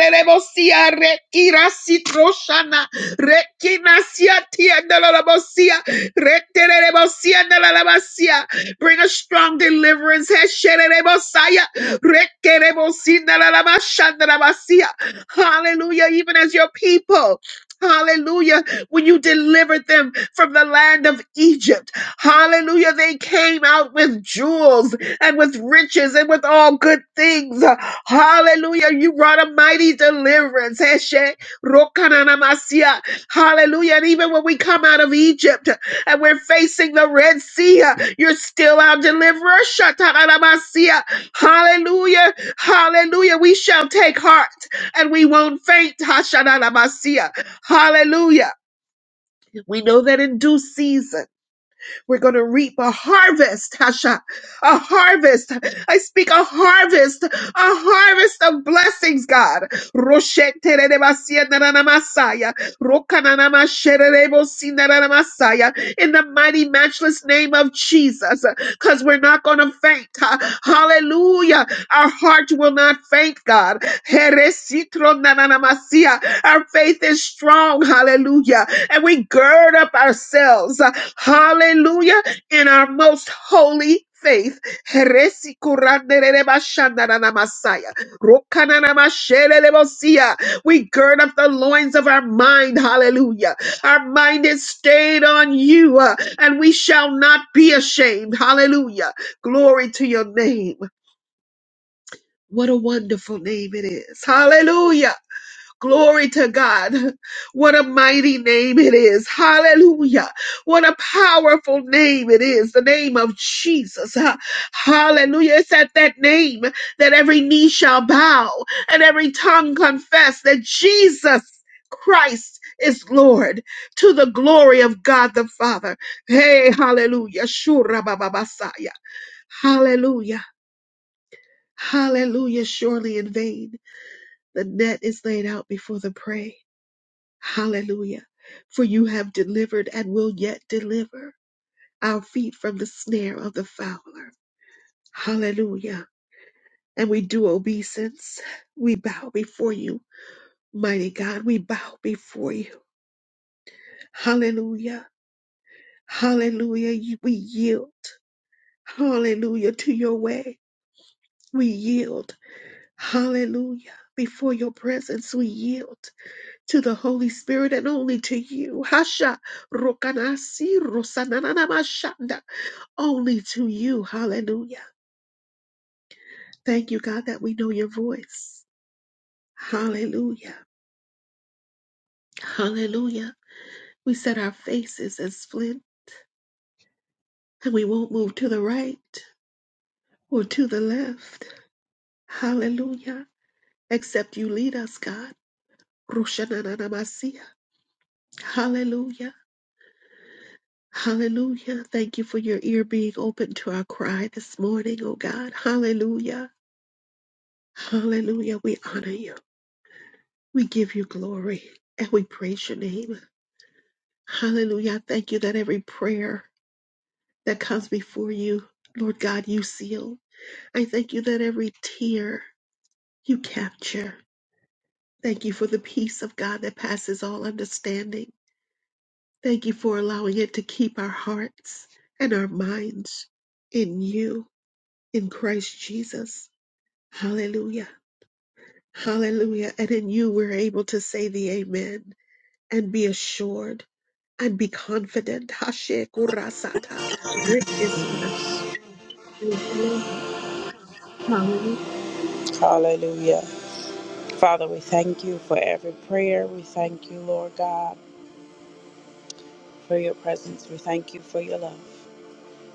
Speaker 5: Rekinasia tia dalalabosia. Retelelebosia dalalabasia. Bring a strong deliverance. Heshelelebosaya. Rekelebosi dalalabasha dalalabasia. Hallelujah. Even as your people. Hallelujah. When you delivered them from the land of Egypt. Hallelujah. They came out with jewels and with riches and with all good things. Hallelujah. You brought a mighty deliverance. Heshe rokananamasia. Hallelujah. And even when we come out of Egypt and we're facing the Red Sea, uh, you're still our deliverer. Shatarabasiya. Hallelujah. Hallelujah. We shall take heart and we won't faint. Hashanarabasiya. Hallelujah. We know that in due season. We're going to reap a harvest, Tasha. A harvest. I speak a harvest. A harvest of blessings, God. Roshetererebasienananamasaya, rokananamashererebosinarananamasaya, In the mighty, matchless name of Jesus. Because we're not going to faint. Ha- Hallelujah. Our heart will not faint, God. Heresitronananamasia. Our faith is strong. Hallelujah and we gird up ourselves, uh, hallelujah, in our most holy faith. Heresi kurandereba shandarana masaya. Rokanana mashelelebosia. We gird up the loins of our mind, hallelujah. Our mind is stayed on you, uh, and we shall not be ashamed, hallelujah. Glory to your name. What a wonderful name it is, hallelujah. Glory to God. What a mighty name it is. Hallelujah. What a powerful name it is. The name of Jesus. Ha- Hallelujah. It's at that name that every knee shall bow and every tongue confess that Jesus Christ is Lord to the glory of God the Father. Hey, hallelujah. Shura baba basaya. Hallelujah. Hallelujah. Surely in vain the net is laid out before the prey Hallelujah. For you have delivered and will yet deliver our feet from the snare of the fowler. Hallelujah. And we do obeisance. We bow before you. Mighty God, we bow before you. Hallelujah. Hallelujah. We yield. Hallelujah to your way. We yield. Hallelujah. Before your presence, we yield. to the Holy Spirit and only to you. Hasha Rokanasi Rosananamashanda. Only to you. Hallelujah. Thank you, God, that we know your voice. Hallelujah. Hallelujah. We set our faces as flint and we won't move to the right or to the left. Hallelujah. Except you lead us, God. Roshananamasiya. Hallelujah. Hallelujah. Thank you for your ear being open to our cry this morning, oh God. Hallelujah. Hallelujah. We honor you. We give you glory and we praise your name. Hallelujah. I Thank you that every prayer that comes before you, Lord God, you seal. I thank you that every tear you capture. Thank you for the peace of God that passes all understanding. Thank you for allowing it to keep our hearts and our minds in you, in Christ Jesus. Hallelujah. Hallelujah. And in you we're able to say the amen and be assured and be confident. Hashe kurasata. Re- Hallelujah.
Speaker 1: Hallelujah. Father, we thank you for every prayer. We thank you, Lord God, for your presence. We thank you for your love.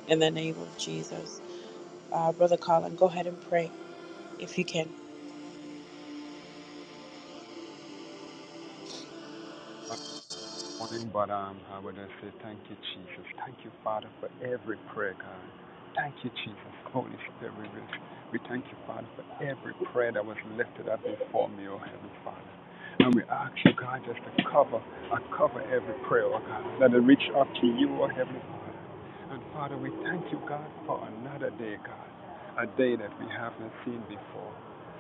Speaker 1: In the name of Jesus. Uh, Brother Colin, go ahead and pray if you can.
Speaker 6: much this morning, but um, I would just say thank you, Jesus. Thank you, Father, for every prayer, God. Thank you, Jesus. Holy Spirit, we, we thank you, Father, for every prayer that was lifted up before me, oh Heavenly Father. And we ask you, God, just to cover, uh, cover every prayer, oh God. Let it reach up to you, oh Heavenly Father. And Father, we thank you, God, for another day, God, a day that we haven't seen before,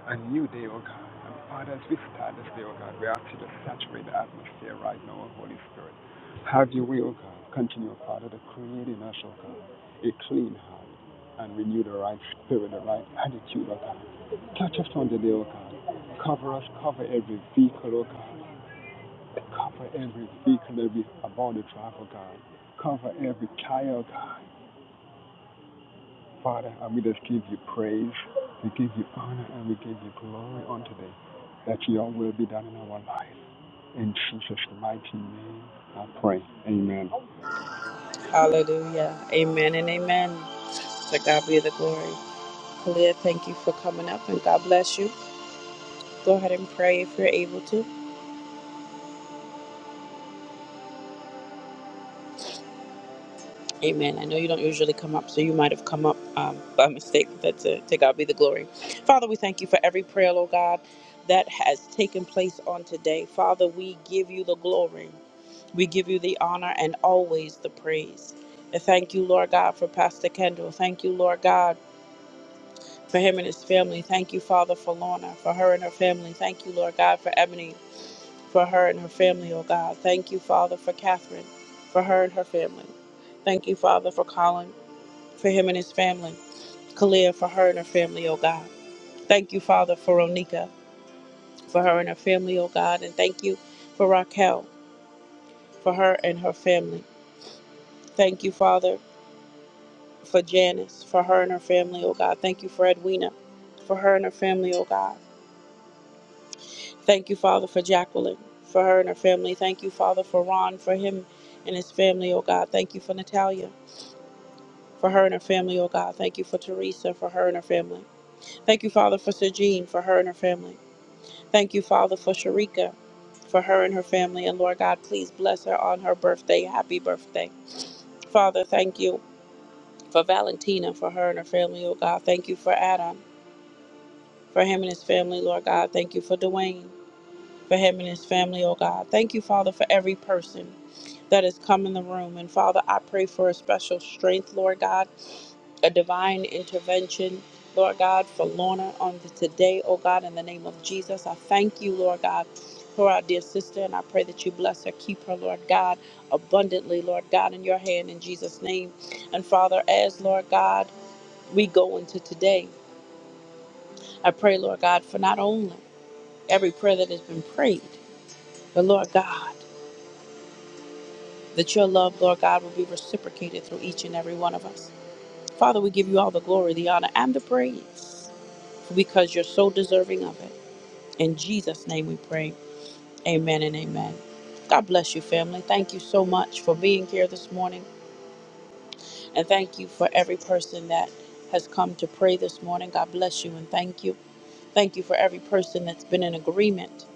Speaker 6: a new day, oh God. And Father, as we start this day, oh God, we ask you to saturate the atmosphere right now, oh Holy Spirit. Have your way, oh God. Continue, oh Father, to create in us, oh God, a clean heart and renew the right spirit, the right attitude, oh God. Touch us on the day, oh God. Cover us, cover every vehicle, oh God. Cover every vehicle, every about the drive, oh God. Cover every tire, oh God. Father, and we just give you praise, we give you honor, and we give you glory on today. That your will be done in our life. In Jesus' mighty name, I pray. Amen.
Speaker 1: Hallelujah. Amen and amen. To God be the glory. Kalia, thank you for coming up and God bless you. Go ahead and pray if you're able to. Amen. I know you don't usually come up, so you might have come up um, by mistake. That's it. to God be the glory. Father, we thank you for every prayer, Lord God, that has taken place on today. Father, we give you the glory. We give you the honor and always the praise. And thank you, Lord God, for Pastor Kendall. Thank you, Lord God, for him and his family. Thank you, Father, for Lorna, for her and her family. Thank you, Lord God, for Ebony, for her and her family, oh God. Thank you, Father, for Catherine, for her and her family. Thank you, Father, for Colin for him and his family. Kalia, for her and her family, oh God. Thank you, Father, for Onika, for her and her family, oh God. And thank you for Raquel, for her and her family. Thank you, Father, for Janice, for her and her family, oh God. Thank you for Edwina, for her and her family, oh God. Thank you, Father, for Jacqueline, for her and her family. Thank you, Father, for Ron, for him and his family, oh God. Thank you for Natalia, for her and her family, oh God. Thank you for Teresa, for her and her family. Thank you, Father, for Sir for her and her family. Thank you, Father, for Sharika, for her and her family. And Lord God, please bless her on her birthday. Happy birthday. Father, thank you for Valentina, for her and her family, oh God. Thank you for Adam, for him and his family, Lord God. Thank you for Dwayne, for him and his family, oh God. Thank you, Father, for every person that has come in the room. And Father, I pray for a special strength, Lord God, a divine intervention, Lord God, for Lorna on the today, oh God, in the name of Jesus. I thank you, Lord God, for our dear sister, and I pray that you bless her, keep her, Lord God, abundantly, Lord God, in your hand in Jesus' name. And Father, as Lord God, we go into today, I pray, Lord God, for not only every prayer that has been prayed, but Lord God, that your love, Lord God, will be reciprocated through each and every one of us. Father, we give you all the glory, the honor, and the praise because you're so deserving of it. In Jesus' name we pray. Amen and amen. God bless you, family. Thank you so much for being here this morning. And thank you for every person that has come to pray this morning. God bless you and thank you. Thank you for every person that's been in agreement.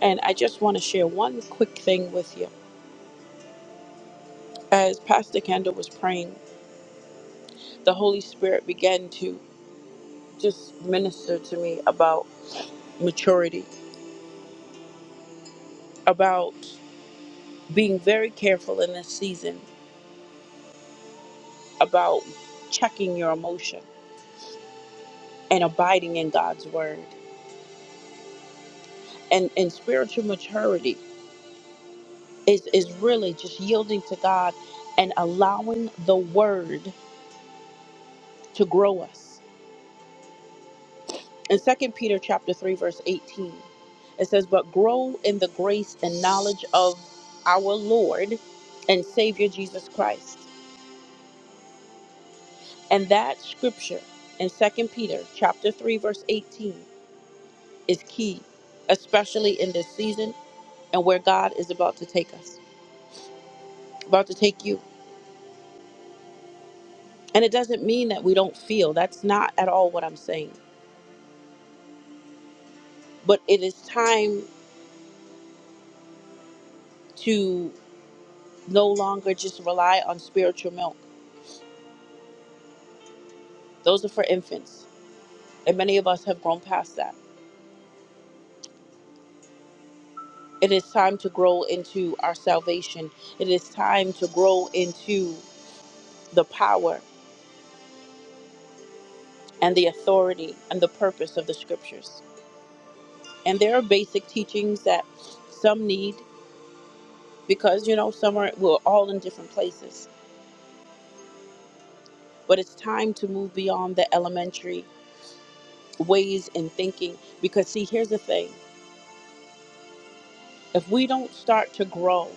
Speaker 1: And I just want to share one quick thing with you. As Pastor Kendall was praying, the Holy Spirit began to just minister to me about maturity about being very careful in this season about checking your emotion and abiding in God's word. And and spiritual maturity is is really just yielding to God and allowing the word to grow us. In Second Peter chapter 3 verse 18, it says, "But grow in the grace and knowledge of our Lord and Savior Jesus Christ." And that scripture in Second Peter chapter 3 verse 18 is key, especially in this season and where God is about to take us, about to take you. And it doesn't mean that we don't feel. That's not at all what I'm saying. But it is time to no longer just rely on spiritual milk. Those are for infants. And many of us have grown past that. It is time to grow into our salvation. It is time to grow into the power and the authority and the purpose of the scriptures. And there are basic teachings that some need because you know summer we're all in different places but it's time to move beyond the elementary ways and thinking because see here's the thing if we don't start to grow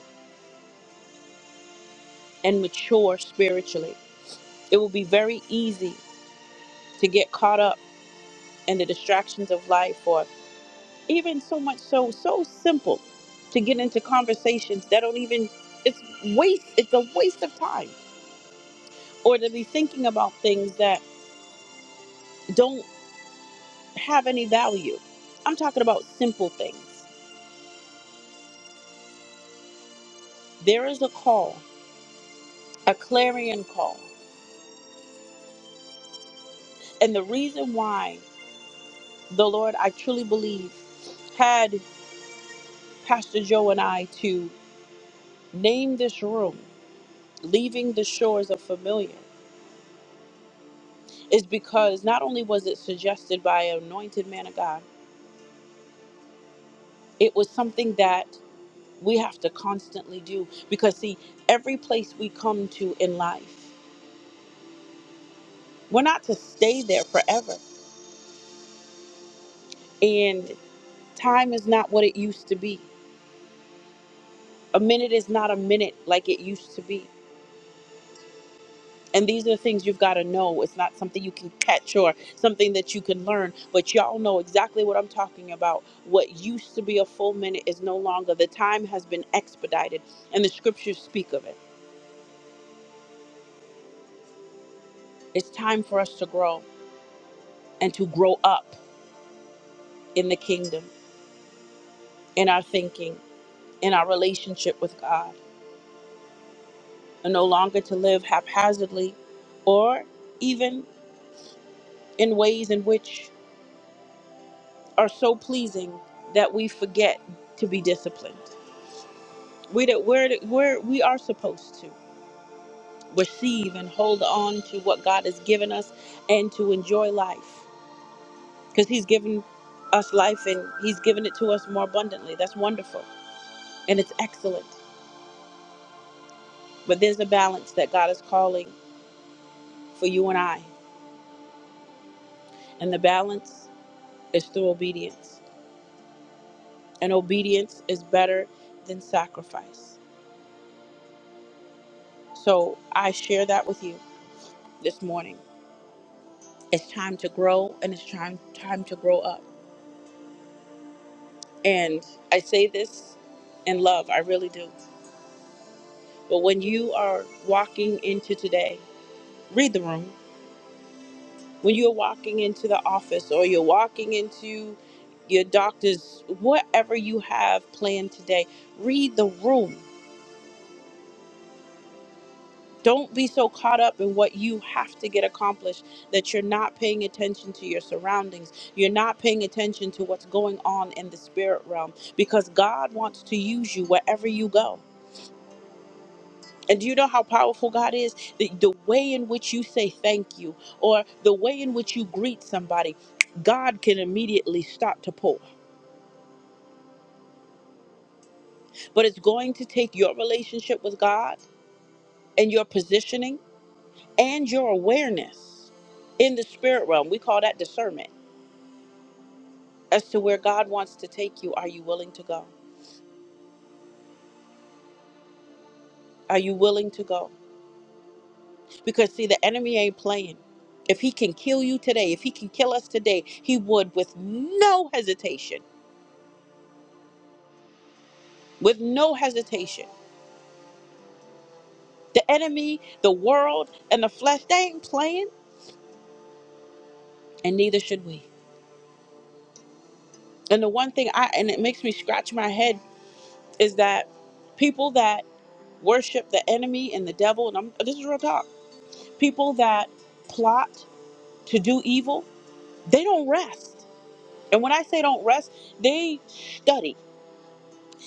Speaker 1: and mature spiritually it will be very easy to get caught up in the distractions of life or even so much so so simple to get into conversations that don't even it's waste it's a waste of time or to be thinking about things that don't have any value i'm talking about simple things There is a call, a clarion call. And the reason why the Lord, I truly believe, had Pastor Joe and I to name this room, Leaving the Shores of Familiar, is because not only was it suggested by an anointed man of God, it was something that we have to constantly do. Because, see, every place we come to in life, we're not to stay there forever. And time is not what it used to be. A minute is not a minute like it used to be. And these are things you've got to know. It's not something you can catch or something that you can learn, but y'all know exactly what I'm talking about. What used to be a full minute is no longer. The time has been expedited, and the scriptures speak of it. It's time for us to grow and to grow up in the kingdom, in our thinking, in our relationship with God, and no longer to live haphazardly or even in ways in which are so pleasing that we forget to be disciplined. We that we're, we're we are supposed to receive and hold on to what God has given us and to enjoy life because He's given us life and He's given it to us more abundantly. That's wonderful and it's excellent. But there's a balance that God is calling for you and I, and the balance is through obedience. And obedience is better than sacrifice. So I share that with you this morning. It's time to grow and it's time time to grow up And I say this in love, I really do. But when you are walking into today, read the room. When you're walking into the office or you're walking into your doctor's, whatever you have planned today, read the room. Don't be so caught up in what you have to get accomplished that you're not paying attention to your surroundings. You're not paying attention to what's going on in the spirit realm because God wants to use you wherever you go. And do you know how powerful God is? The, the way in which you say thank you or the way in which you greet somebody, God can immediately start to pour. But it's going to take your relationship with God and your positioning and your awareness in the spirit realm. We call that discernment as to where God wants to take you. Are you willing to go? Are you willing to go? Because, see, the enemy ain't playing. If he can kill you today, if he can kill us today, he would with no hesitation, with no hesitation. The enemy, the world, and the flesh, they ain't playing, and neither should we. And the one thing I, and it makes me scratch my head, is that people that worship the enemy and the devil, and I'm, this is real talk, people that plot to do evil, they don't rest. And when I say don't rest, they study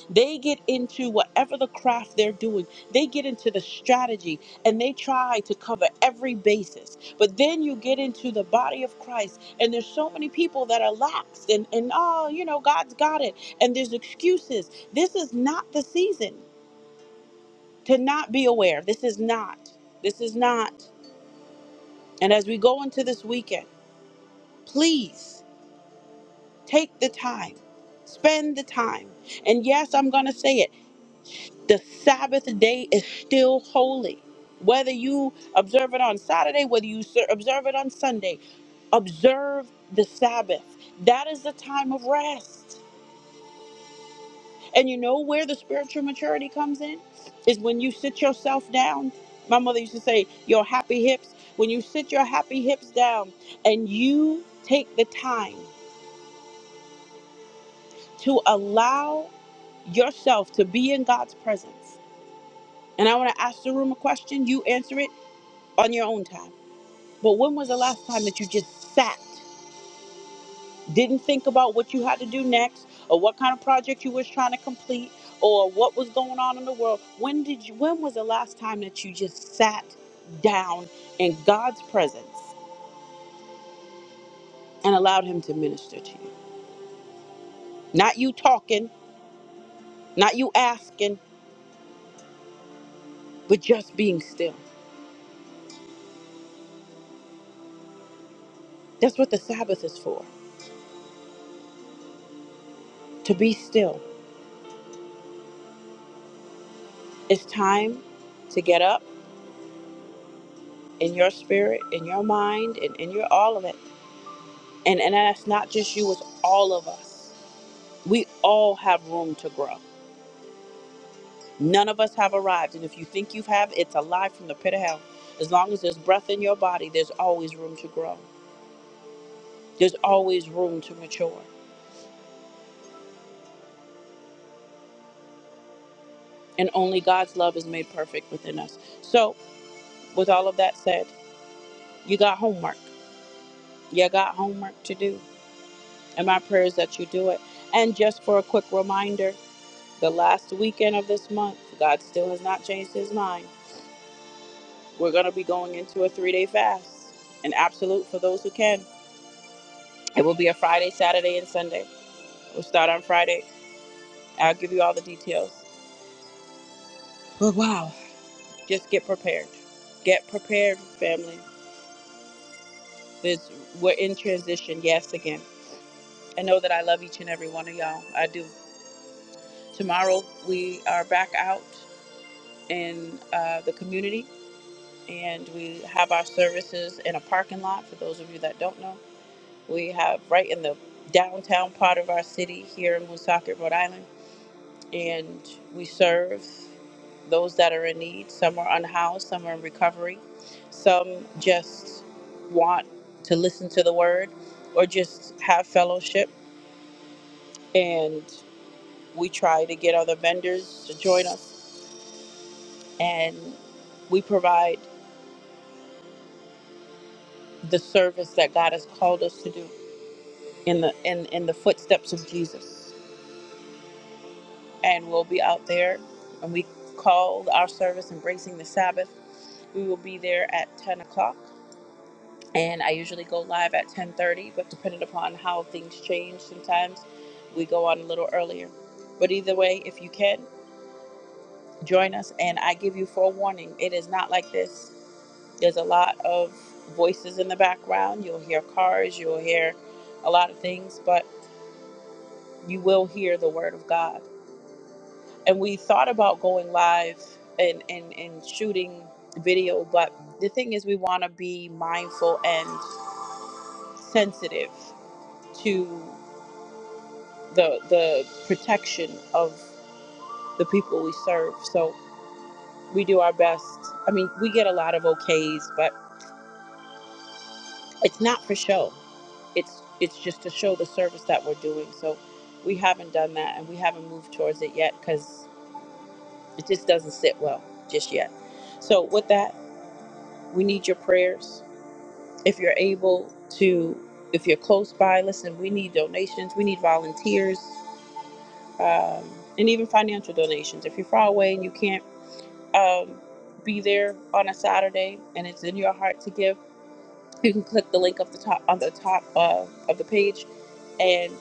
Speaker 1: They get into whatever the craft they're doing, they get into the strategy and they try to cover every basis. But then you get into the body of Christ, and there's so many people that are lax and, and oh, you know, God's got it, and there's excuses. This is not the season to not be aware. This is not. This is not. And as we go into this weekend, please take the time, spend the time. And yes, I'm going to say it. The Sabbath day is still holy. Whether you observe it on Saturday, whether you ser- observe it on Sunday, observe the Sabbath. That is the time of rest. And you know where the spiritual maturity comes in? Is when you sit yourself down. My mother used to say, your happy hips. When you sit your happy hips down and you take the time to allow yourself to be in God's presence. And I want to ask the room a question. You answer it on your own time. But when was the last time that you just sat, didn't think about what you had to do next, or what kind of project you was trying to complete, or what was going on in the world? When did you? When was the last time that you just sat down in God's presence and allowed Him to minister to you? Not you talking, not you asking, but just being still. That's what the Sabbath is for. To be still. It's time to get up in your spirit, in your mind, and in your all of it And and that's not just you, it's all of us. We all have room to grow. None of us have arrived. And if you think you have, it's a lie from the pit of hell. As long as there's breath in your body, there's always room to grow. There's always room to mature. And only God's love is made perfect within us. So, with all of that said, you got homework. You got homework to do. And my prayer is that you do it. And just for a quick reminder, the last weekend of this month, God still has not changed his mind. We're going to be going into a three day fast, an absolute for those who can. It will be a Friday, Saturday, and Sunday. We'll start on Friday. I'll give you all the details. But wow, just get prepared. Get prepared, family. This, we're in transition, yes, again. I know that I love each and every one of y'all. I do. Tomorrow, we are back out in uh, the community and we have our services in a parking lot for those of you that don't know. We have right in the downtown part of our city here in Woonsocket, Rhode Island, and we serve those that are in need. Some are unhoused, some are in recovery, some just want to listen to the word or just have fellowship. And we try to get other vendors to join us, and we provide the service that God has called us to do in the in, in the footsteps of Jesus. and we'll be out there. And we called our service Embracing the Sabbath. We will be there at 10 o'clock. And I usually go live at 10:30, but depending upon how things change, sometimes we go on a little earlier. But either way, if you can, join us. And I give you forewarning, it is not like this. There's a lot of voices in the background. You'll hear cars, you'll hear a lot of things, but you will hear the word of God. and we thought about going live and and, and shooting video but the thing is we want to be mindful and sensitive to the the protection of the people we serve so we do our best i mean we get a lot of okays but it's not for show it's it's just to show the service that we're doing so we haven't done that and we haven't moved towards it yet because it just doesn't sit well just yet so with that we need your prayers if you're able to if you're close by listen we need donations we need volunteers um, and even financial donations if you're far away and you can't um, be there on a saturday and it's in your heart to give you can click the link up the top on the top uh, of the page and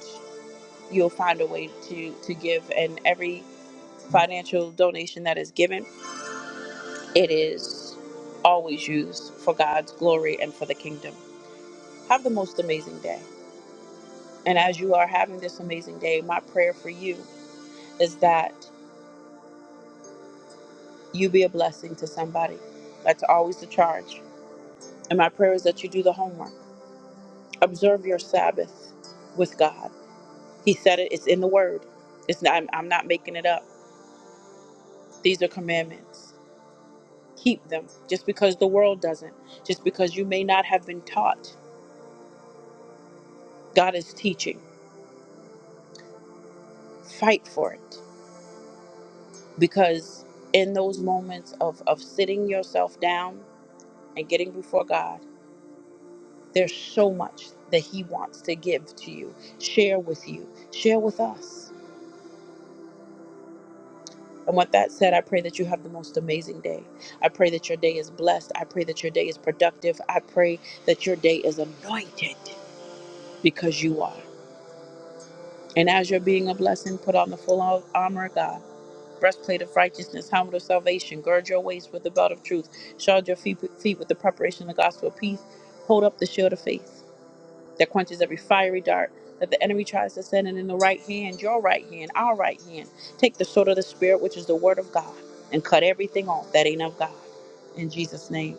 Speaker 1: you'll find a way to to give and every financial donation that is given it is always used for god's glory and for the kingdom have the most amazing day And as you are having this amazing day, my prayer for you is that you be a blessing to somebody. That's always the charge. And my prayer is that you do the homework. Observe your Sabbath with God. He said it, it's in the word. It's not, I'm, I'm not making it up. These are commandments. Keep them just because the world doesn't, just because you may not have been taught. God is teaching. Fight for it because in those moments of, of sitting yourself down and getting before God, There's so much that He wants to give to you, share with you, share with us. And with that said, I pray that you have the most amazing day. I pray that your day is blessed. I pray that your day is productive. I pray that your day is anointed because you are. And as you're being a blessing, put on the full armor of God, breastplate of righteousness, helmet of salvation, gird your waist with the belt of truth, shod your feet, feet with the preparation of the gospel of peace, hold up the shield of faith. that quenches every fiery dart that the enemy tries to send. And in the right hand, your right hand, our right hand, take the sword of the Spirit, which is the word of God, and cut everything off that ain't of God. In Jesus' name.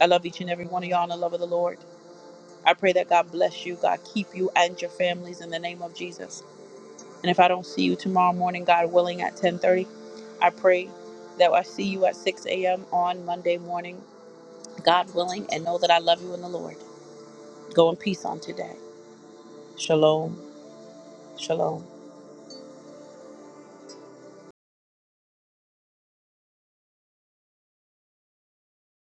Speaker 1: I love each and every one of y'all in the love of the Lord. I pray that God bless you, God keep you and your families in the name of Jesus. And if I don't see you tomorrow morning, God willing, at 1030, I pray that I see you at 6 a.m. on Monday morning, God willing, and know that I love you in the Lord. Go in peace on today. Shalom. Shalom.